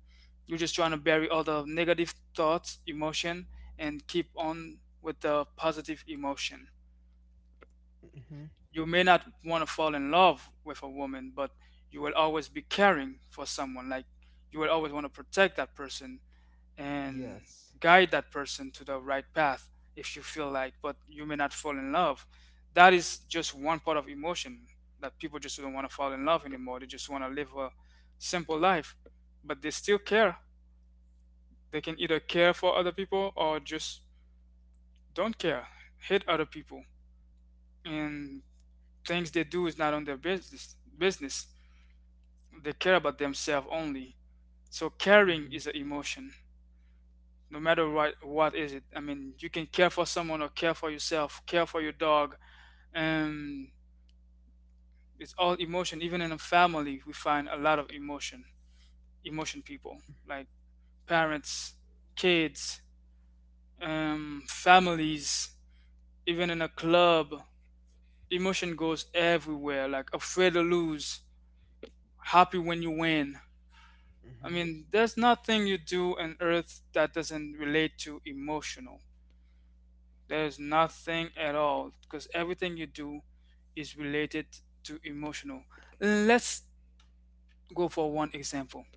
Speaker 1: you're just trying to bury all the negative thoughts, emotion, and keep on with the positive emotion.
Speaker 2: Hmm.
Speaker 1: You may not want to fall in love with a woman, but you will always be caring for someone. Like, you will always want to protect that person and
Speaker 2: Yes.
Speaker 1: guide that person to the right path if you feel like, but you may not fall in love. That is just one part of emotion, that people just don't want to fall in love anymore. They just want to live a simple life, but they still care. They can either care for other people or just don't care, hate other people. And things they do is not on their business. They care about themselves only. So caring
Speaker 2: Hmm.
Speaker 1: is an emotion. No matter what is it. I mean, you can care for someone or care for yourself, care for your dog, and it's all emotion. Even in a family, we find a lot of emotion. Emotion people, like parents, kids, families, even in a club. Emotion goes everywhere. Like afraid to lose, happy when you win. I
Speaker 2: Hmm.
Speaker 1: mean, there's nothing you do on earth that doesn't relate to emotional. There's nothing at all because everything you do is related to emotional. Let's go for one example.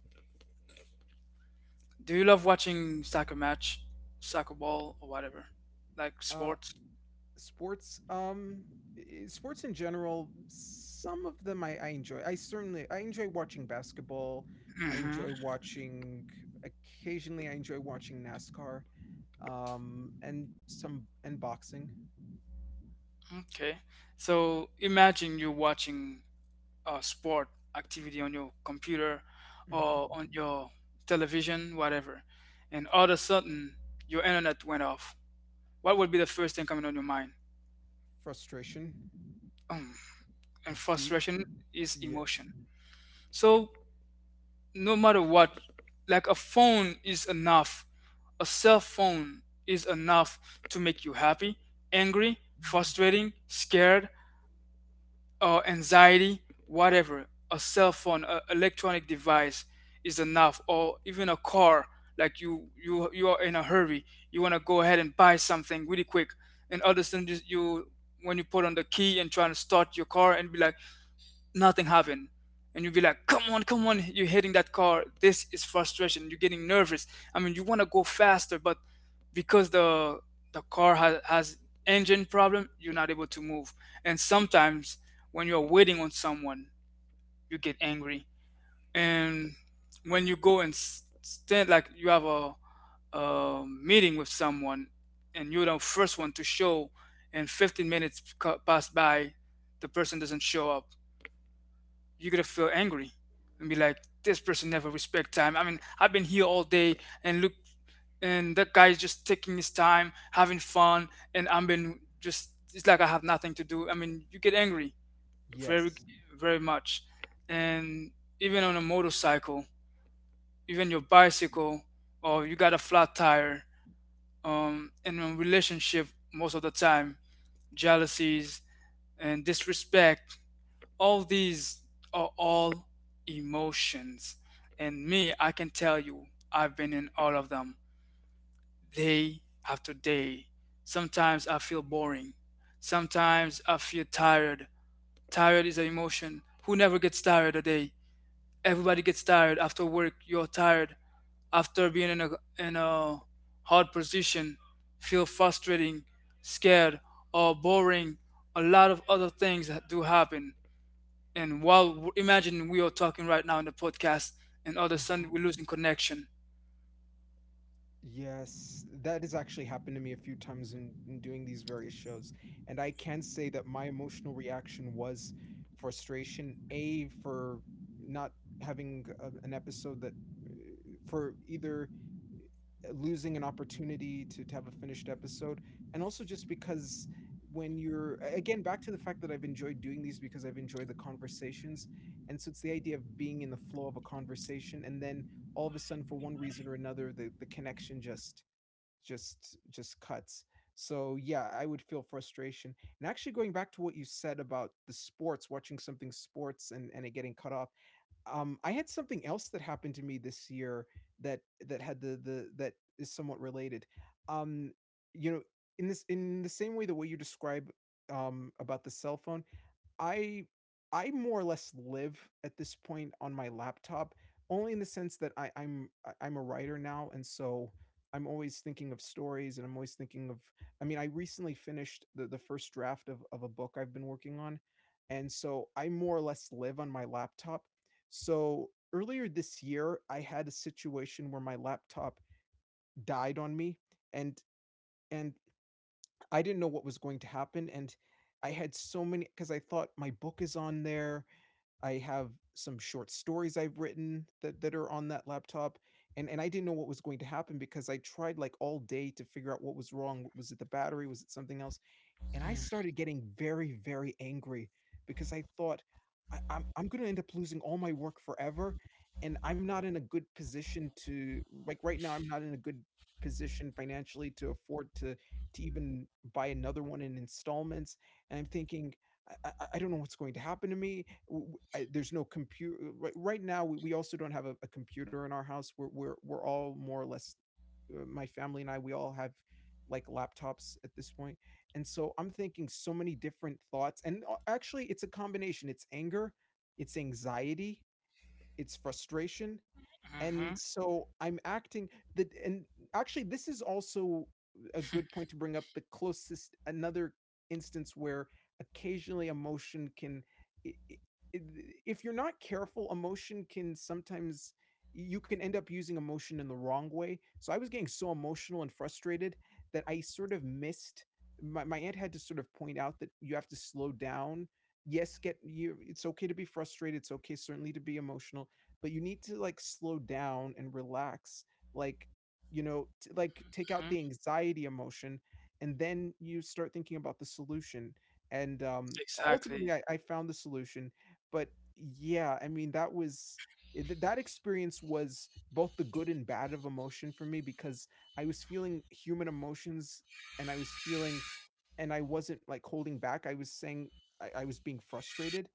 Speaker 1: Do you love watching soccer match, soccer ball, or whatever, like
Speaker 2: Uh,
Speaker 1: sports?
Speaker 2: sports. Sports in general. Some of them I enjoy. I certainly I enjoy watching basketball. I enjoy
Speaker 1: Mm-hmm.
Speaker 2: watching. Occasionally, I enjoy watching NASCAR. And some and boxing.
Speaker 1: Okay. So imagine you're watching sport activity on your computer
Speaker 2: Hmm.
Speaker 1: or on your television, whatever, and all of a sudden your internet went off. What would be the first thing coming on your mind?
Speaker 2: Frustration.
Speaker 1: And
Speaker 2: Deep.
Speaker 1: frustration is
Speaker 2: Yeah.
Speaker 1: emotion. So, no matter what, like a phone is enough, a cell phone is enough to make you happy, angry,
Speaker 2: Mhm.
Speaker 1: frustrating, scared, or anxiety, whatever. A cell phone, a electronic device is enough, or even a car. Like you are in a hurry. You want to go ahead and buy something really quick, and other than just you, when you put on the key and trying to start your car and be like, nothing happened, and you'll be like, come on, come on, you're hitting that car. This is frustration. You're getting nervous. I mean, you want to go faster, but because the car has engine problem, you're not able to move. And sometimes when you're waiting on someone, you get angry. And when you go and stand, like you have a meeting with someone and you're the first one to show, and 15 minutes pass by, the person doesn't show up, you're gonna feel angry and be like, this person never respect time. I mean, I've been here all day and look, and that guy is just taking his time, having fun, and I've been just, it's like I have nothing to do. I mean, you get angry very,
Speaker 2: Yes.
Speaker 1: very much, and even on a motorcycle, even your bicycle, or you got a flat tire. In a relationship, most of the time, jealousies and disrespect, all these are all emotions. And me, I can tell you, I've been in all of them day after day. Sometimes I feel boring, sometimes I feel tired. Tired is an emotion. Who never gets tired a day? Everybody gets tired. After work you're tired, after being in a hard position, feel frustrating, scared, or boring. A lot of other things that do happen. And while, imagine we are talking right now in the podcast, and all of a
Speaker 2: Mm-hmm.
Speaker 1: sudden we're losing connection.
Speaker 2: Yes, that has actually happened to me a few times in doing these various shows. And I can say that my emotional reaction was frustration, A, for not having a, an episode that, uh, for either losing an opportunity to have a finished episode, and also just because when a- again, back to the fact that I've enjoyed doing these because I've enjoyed the conversations. And so it's the idea of being in the flow of a conversation and then all of a sudden for one reason or another the connection just cuts. So yeah, I would feel frustration. And actually going back to what you said about the sports, watching something sports and it getting cut off. I had something else that happened to me this year that that had the that is somewhat related. Um, you know, in this in the same way the way you describe about the cell phone, I I more or less live at this point on my laptop, only in the sense that I'm a writer now, and so I'm always thinking of stories, and I'm always thinking of. I mean, I recently finished the first draft of a book I've been working on, and so I more or less live on my laptop. So earlier this year, I had a situation where my laptop died on me, and and I didn't know what was going to happen, and I had so many because I thought my book is on there. I have some short stories I've written that are on that laptop, and I didn't know what was going to happen because I tried like all day to figure out what was wrong. Was it the battery? Was it something else? And I started getting very, very angry because I thought I'm going to end up losing all my work forever, and I'm not in a good position to like right now. I'm not in a good position financially to afford to even buy another one in installments, and I'm thinking. I don't know what's going to happen to me. There's no computer right now. We also don't have a computer in our house. We're all more or less, my family and I. We all have like laptops at this point, and so I'm thinking so many different thoughts. And actually, it's a combination, it's anger, it's anxiety, it's frustration. And
Speaker 1: Hmm.
Speaker 2: so I'm acting that, and actually this is also a good point to bring up the closest another instance where occasionally emotion can i- i- if you're not careful emotion can sometimes you can end up using emotion in the wrong way. So I was getting so emotional and frustrated that I sort of missed my aunt had to sort of point out that you have to slow down. Yes, get you it's okay to be frustrated, it's okay certainly to be emotional but you need to slow down and relax. like Take out
Speaker 1: Hmm.
Speaker 2: the anxiety emotion and then you start thinking about the solution. And Ultimately
Speaker 1: Exactly.
Speaker 2: I found the solution. But yeah I mean That was that experience was both the good and bad of emotion for me because I was feeling human emotions, and I was feeling, and I wasn't like holding back. I was saying, I was being frustrated.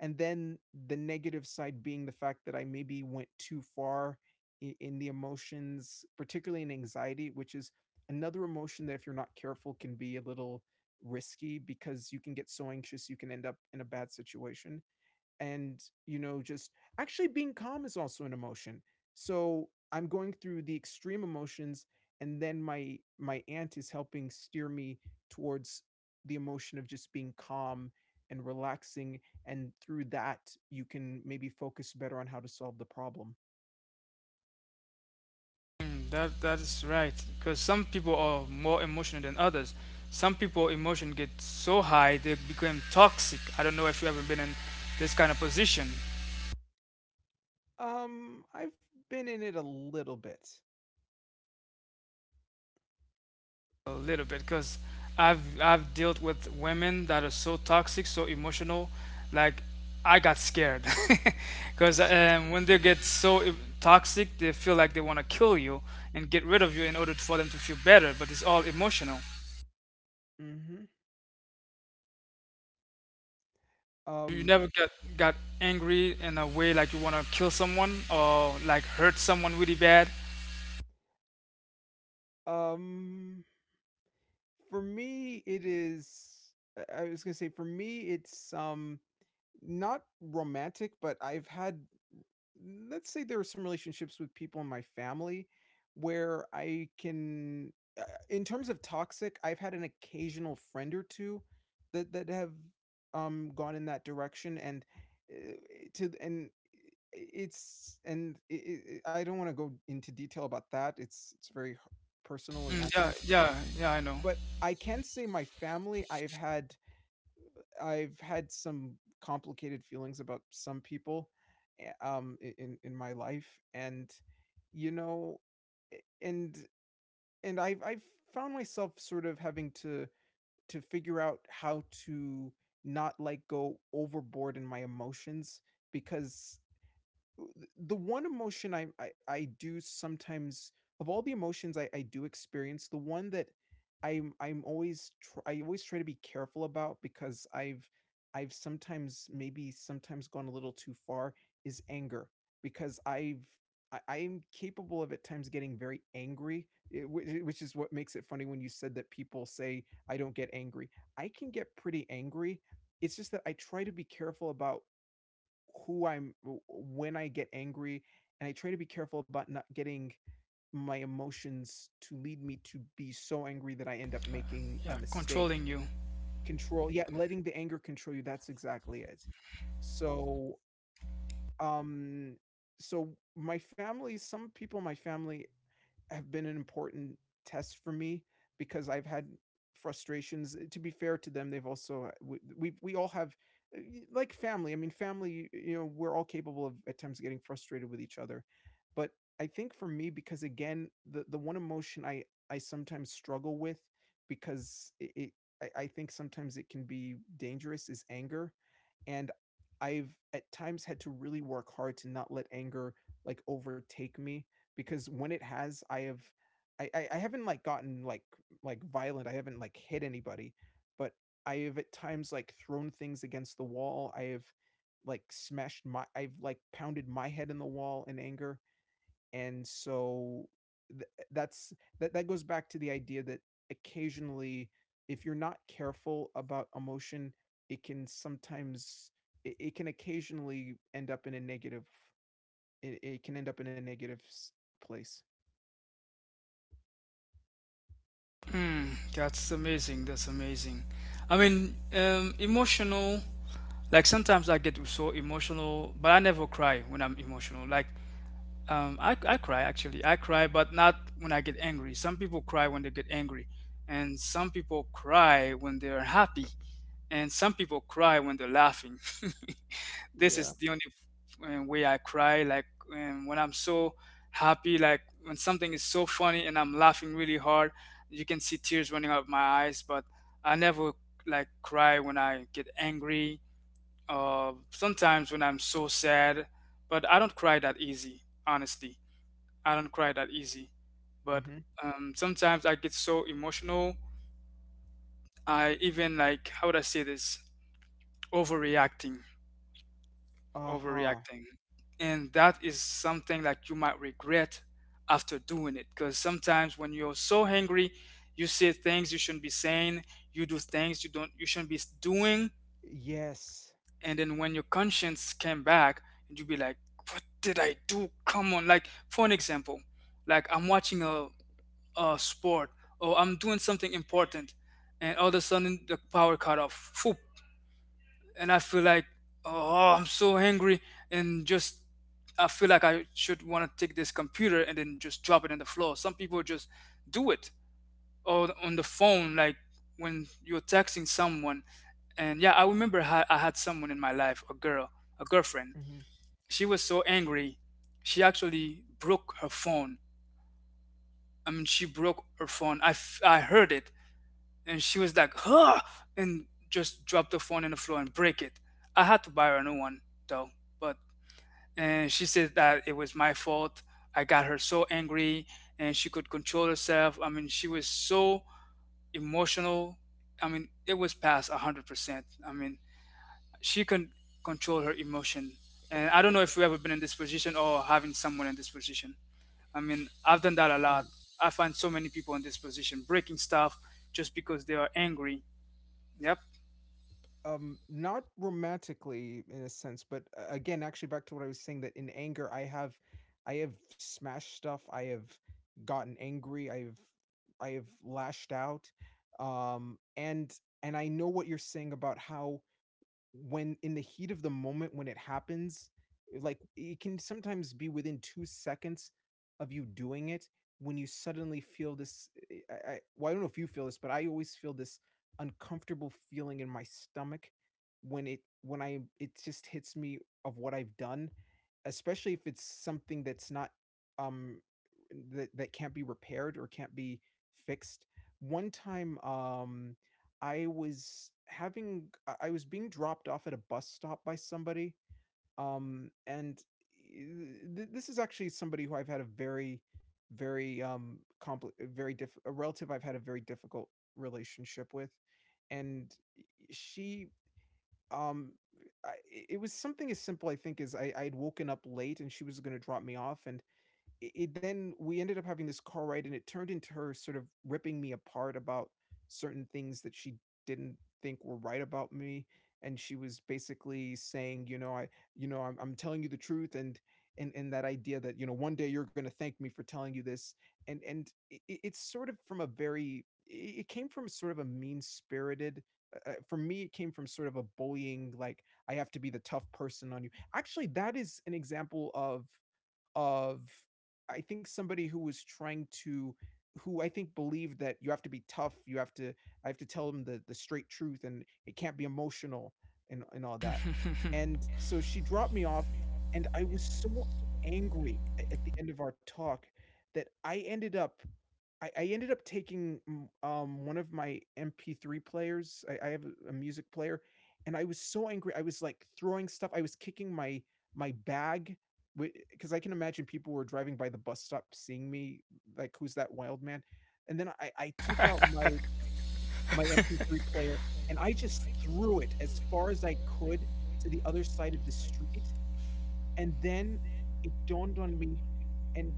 Speaker 2: And then the negative side being the fact that I maybe went too far in the emotions, particularly in anxiety, which is another emotion that if you're not careful can be a little risky, because you can get so anxious you can end up in a bad situation. And just actually being calm is also an emotion. So I'm going through the extreme emotions, and then my aunt is helping steer me towards the emotion of just being calm and relaxing. And through that, you can maybe focus better on how to solve the problem.
Speaker 1: Mm, that that is right. Because some people are more emotional than others. Some people emotion get so high they become toxic. I don't know if you ever been in this kind of position.
Speaker 2: I've been in it a little bit.
Speaker 1: A little bit, because I've dealt with women that are so toxic, so emotional. Like, I got scared *laughs* because when they get so toxic, they feel like they want to kill you and get rid of you in order for them to feel better. But it's all emotional.
Speaker 2: Mhm.
Speaker 1: You
Speaker 2: um
Speaker 1: never got angry in a way like you want to kill someone or like hurt someone really bad.
Speaker 2: um for me it is, I was going to say for me it's, not romantic, but I've had, let's say there are some relationships with people in my family where I can, uh, in terms of toxic, I've had an occasional friend or two that have gone in that direction. And uh, to and eh, It's, and I don't want to go into detail about that. It's very personal in
Speaker 1: Mm,
Speaker 2: that
Speaker 1: yeah,
Speaker 2: sense.
Speaker 1: yeah, yeah. I know.
Speaker 2: But I can say my family, I've had, I've had some complicated feelings about some people in my life. And you know and and I've found myself sort of having to figure out how to not like go overboard in my emotions, because the one emotion I do sometimes, of all the emotions I do experience, the one that I'm always I always try to be careful about, because I've sometimes, maybe sometimes gone a little too far, is anger. Because I've, I'm capable of at times getting very angry, which is what makes it funny when you said that people say I don't get angry. I can get pretty angry. It's just that I try to be careful about who I'm, when I get angry, and I try to be careful about not getting my emotions to lead me to be so angry that I end up making a
Speaker 1: Yeah,
Speaker 2: mistake.
Speaker 1: controlling you.
Speaker 2: Control, yeah, letting the anger control you, that's exactly it. So, um so, my family, some people in my family have been an important test for me, because I've had frustrations. To be fair to them, they've also, we all have, like family. I mean, family. You know, we're all capable of at times getting frustrated with each other. But I think for me, because again, the one emotion I sometimes struggle with, because I think sometimes it can be dangerous, is anger. And I've at times had to really work hard to not let anger like overtake me, because when it has, I have, I haven't like gotten like violent. I haven't like hit anybody, but I have at times like thrown things against the wall. I have like smashed my, I've like pounded my head in the wall in anger. And so th- that's, that goes back to the idea that occasionally, if you're not careful about emotion, it can sometimes, it can occasionally end up in a negative. It can end up in a negative place.
Speaker 1: Hmm, that's amazing. That's amazing. I mean, emotional. Like sometimes I get so emotional, but I never cry when I'm emotional. Like I cry actually. I cry, but not when I get angry. Some people cry when they get angry, and some people cry when they're happy, and some people cry when they're laughing. *laughs* This is
Speaker 2: Yeah.
Speaker 1: the only way I cry. Like when I'm so happy, like when something is so funny and I'm laughing really hard, you can see tears running out of my eyes. But I never like cry when I get angry. Sometimes when I'm so sad, but I don't cry that easy, honestly. I don't cry that easy. But
Speaker 2: Mhm.
Speaker 1: sometimes I get so emotional. I even like, how would I say this? Overreacting,
Speaker 2: Uh-huh.
Speaker 1: overreacting. And that is something like you might regret after doing it. Because sometimes when you're so angry, you say things you shouldn't be saying, you do things you don't you shouldn't be doing.
Speaker 2: Yes.
Speaker 1: And then when your conscience came back, and you would be like, what did I do? Come on. Like, for an example, like I'm watching a sport, or I'm doing something important, and all of a sudden the power cut off. Phoop. And I feel like, oh, I'm so angry, and just I feel like I should want to take this computer and then just drop it on the floor. Some people just do it. Or on the phone, like when you're texting someone. And yeah, I remember how I had someone in my life, a girl, a girlfriend,
Speaker 2: Mhm.
Speaker 1: she was so angry she actually broke her phone. I mean, she broke her phone. I heard it, and she was like, huh, and just dropped the phone on the floor and break it. I had to buy her a new one though. But, and she said that it was my fault. I got her so angry, and she could control herself. I mean, she was so emotional. I mean, it was past 100%. I mean, she can control her emotion, and I don't know if you ever been in this position or having someone in this position. I mean, I've done that a
Speaker 2: Um,
Speaker 1: lot. I find so many people in this position breaking stuff just because they are angry. Yep. *laughs*
Speaker 2: not romantically in a sense, but again, actually back to what I was saying that in anger I have, I have smashed stuff, I have gotten angry, I've, I have lashed out. And I know what you're saying about how when in the heat of the moment when it happens, like it can sometimes be within 2 seconds of you doing it, when you suddenly feel this eh, I well I don't know if you feel this but I always feel this uncomfortable feeling in my stomach when it when I it just hits me of what I've done, especially if it's something that's not um that can't be repaired or can't be fixed. One time, I was having, I was being dropped off at a bus stop by somebody, and this is actually somebody who I've had a very, very a relative I've had a very difficult relationship with. And she, um I, it was something as simple I think as I'd woken up late and she was going to drop me off, and it then we ended up having this car ride and it turned into her sort of ripping me apart about certain things that she didn't think were right about me. And she was basically saying, you know, I'm telling you the truth, and and that idea that, you know, one day you're going to thank me for telling you this. And it's sort of from a very it came from sort of a mean spirited for me it came from sort of a bullying, like I have to be the tough person on you. Actually that is an example of, of I think somebody who was trying to, who I think believed that you have to be tough, you have to, I have to tell them the straight truth and it can't be emotional and all that. And so she dropped me off, and I was so angry at the end of our talk, that I ended up, I ended up taking one of my MP3 players. I have a music player. And I was so angry. I was like throwing stuff. I was kicking my bag, because I can imagine people were driving by the bus stop, seeing me like, "Who's that wild man?" And then I took out my MP3 player and I just threw it as far as I could to the other side of the street. And then it dawned on me, and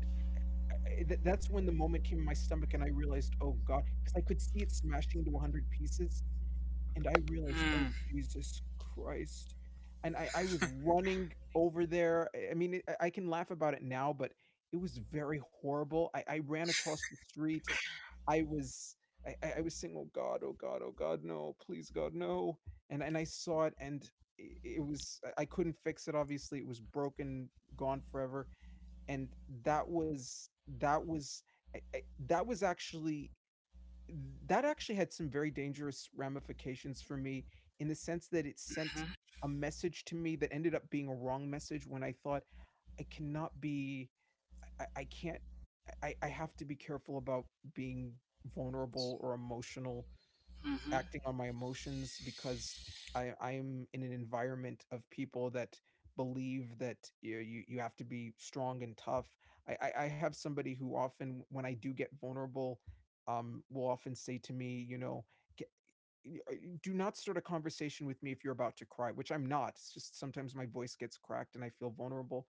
Speaker 2: Eh, th that's when the moment came in my stomach and I realized, "Oh God," because I could see it smashing into 100 pieces. And I realized, "Oh, Jesus Christ." And I was running over there. I mean, it, I can laugh about it now, but it was very horrible. I ran across the street. I was, I was saying, "Oh god, oh god, oh god, no. Please, God, no." And I saw it, and I it was, I couldn't fix it, obviously. It was broken, gone forever. And that was, that was, I that was actually, that actually had some very dangerous ramifications for me, in the sense that it sent a message to me that ended up being a wrong message when I thought, "I cannot be, I can't, I have to be careful about being vulnerable or emotional,
Speaker 1: Mm-hmm.
Speaker 2: acting on my emotions, because I am in an environment of people that believe that, you know, you have to be strong and tough. I have somebody who often, when I do get vulnerable, will often say to me, you know, "G- y- uh, Do not start a conversation with me if you're about to cry," which I'm not. It's just sometimes my voice gets cracked and I feel vulnerable.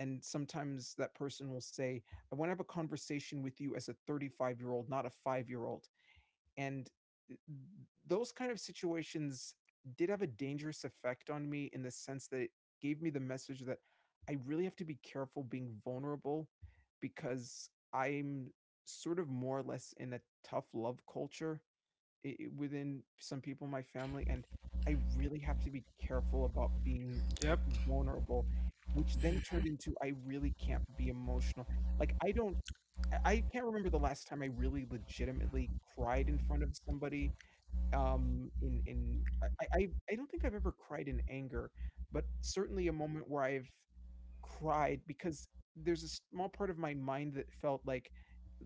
Speaker 2: And sometimes that person will say, I want to have a conversation with you as a 35-year-old year old, not a five year old. and eh, those kind of situations did have a dangerous effect on me, in the sense that it gave me the message that I really have to be careful being vulnerable, because I'm sort of more or less in a tough love culture within some people in my family, and I really have to be careful about being
Speaker 1: Yep.
Speaker 2: vulnerable. Which then turned into, I really can't be emotional. Like I don't, I can't remember the last time I really legitimately cried in front of somebody. In I don't think I've ever cried in anger, but certainly a moment where I've cried because there's a small part of my mind that felt like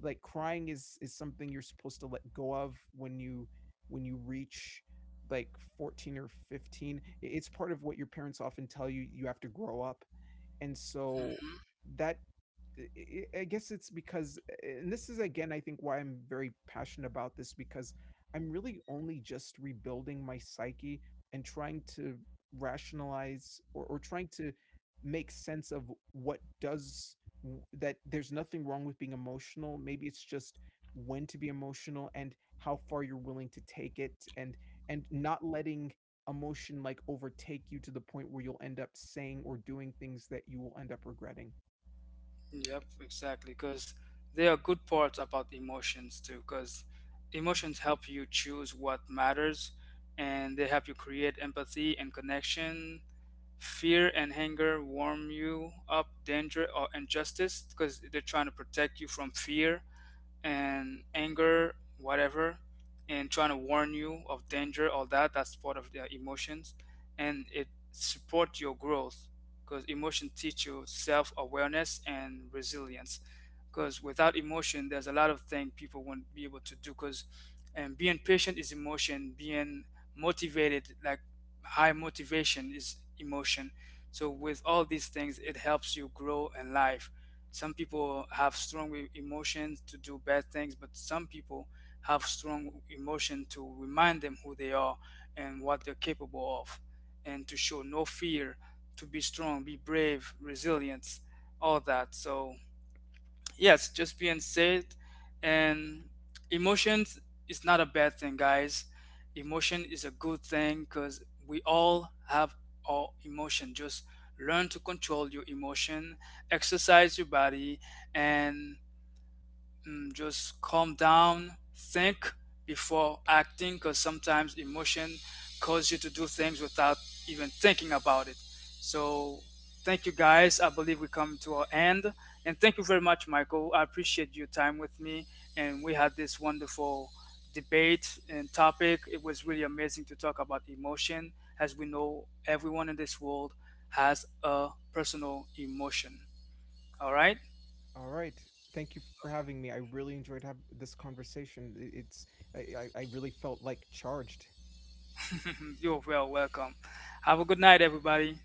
Speaker 2: like crying is something you're supposed to let go of when you, when you reach like 14 or 15. It's part of what your parents often tell you, you have to grow up. And so
Speaker 1: Mm-hmm.
Speaker 2: that, I guess it's because, and this is again, I think why I'm very passionate about this, because I'm really only just rebuilding my psyche and trying to rationalize, or trying to make sense of what does that, there's nothing wrong with being emotional. Maybe it's just when to be emotional and how far you're willing to take it, and not letting emotion like overtake you to the point where you'll end up saying or doing things that you will end up regretting.
Speaker 1: Yep. Exactly. Because there are good parts about emotions too. Because emotions help you choose what matters, and they help you create empathy and connection. Fear and anger warm you up danger or injustice because they're trying to protect you from fear and anger, whatever, and trying to warn you of danger, all that. That's part of their emotions, and it supports your growth because emotion teach you self awareness and resilience. Because without emotion, there's a lot of things people won't be able to do. Because, and being patient is emotion. Being motivated, like high motivation, is emotion. So with all these things, it helps you grow in life. Some people have strong emotions to do bad things, but some people have strong emotion to remind them who they are and what they're capable of, and to show no fear, to be strong, be brave, resilience, all that. So yes, just being said, and emotions is not a bad thing, guys. Emotion is a good thing because we all have our emotion. Just learn to control your emotion, exercise your body, and mm, just calm down, think before acting, because sometimes emotion cause you to do things without even thinking about it. So, thank you guys. I believe we come to our end, and thank you very much, Michael. I appreciate your time with me, and we had this wonderful debate and topic. It was really amazing to talk about emotion, as we know everyone in this world has a personal emotion. All right.
Speaker 2: All right. Thank you for having me. I really enjoyed have this conversation. It's, I really felt like charged
Speaker 1: *laughs* You're well welcome. Have a good night, everybody.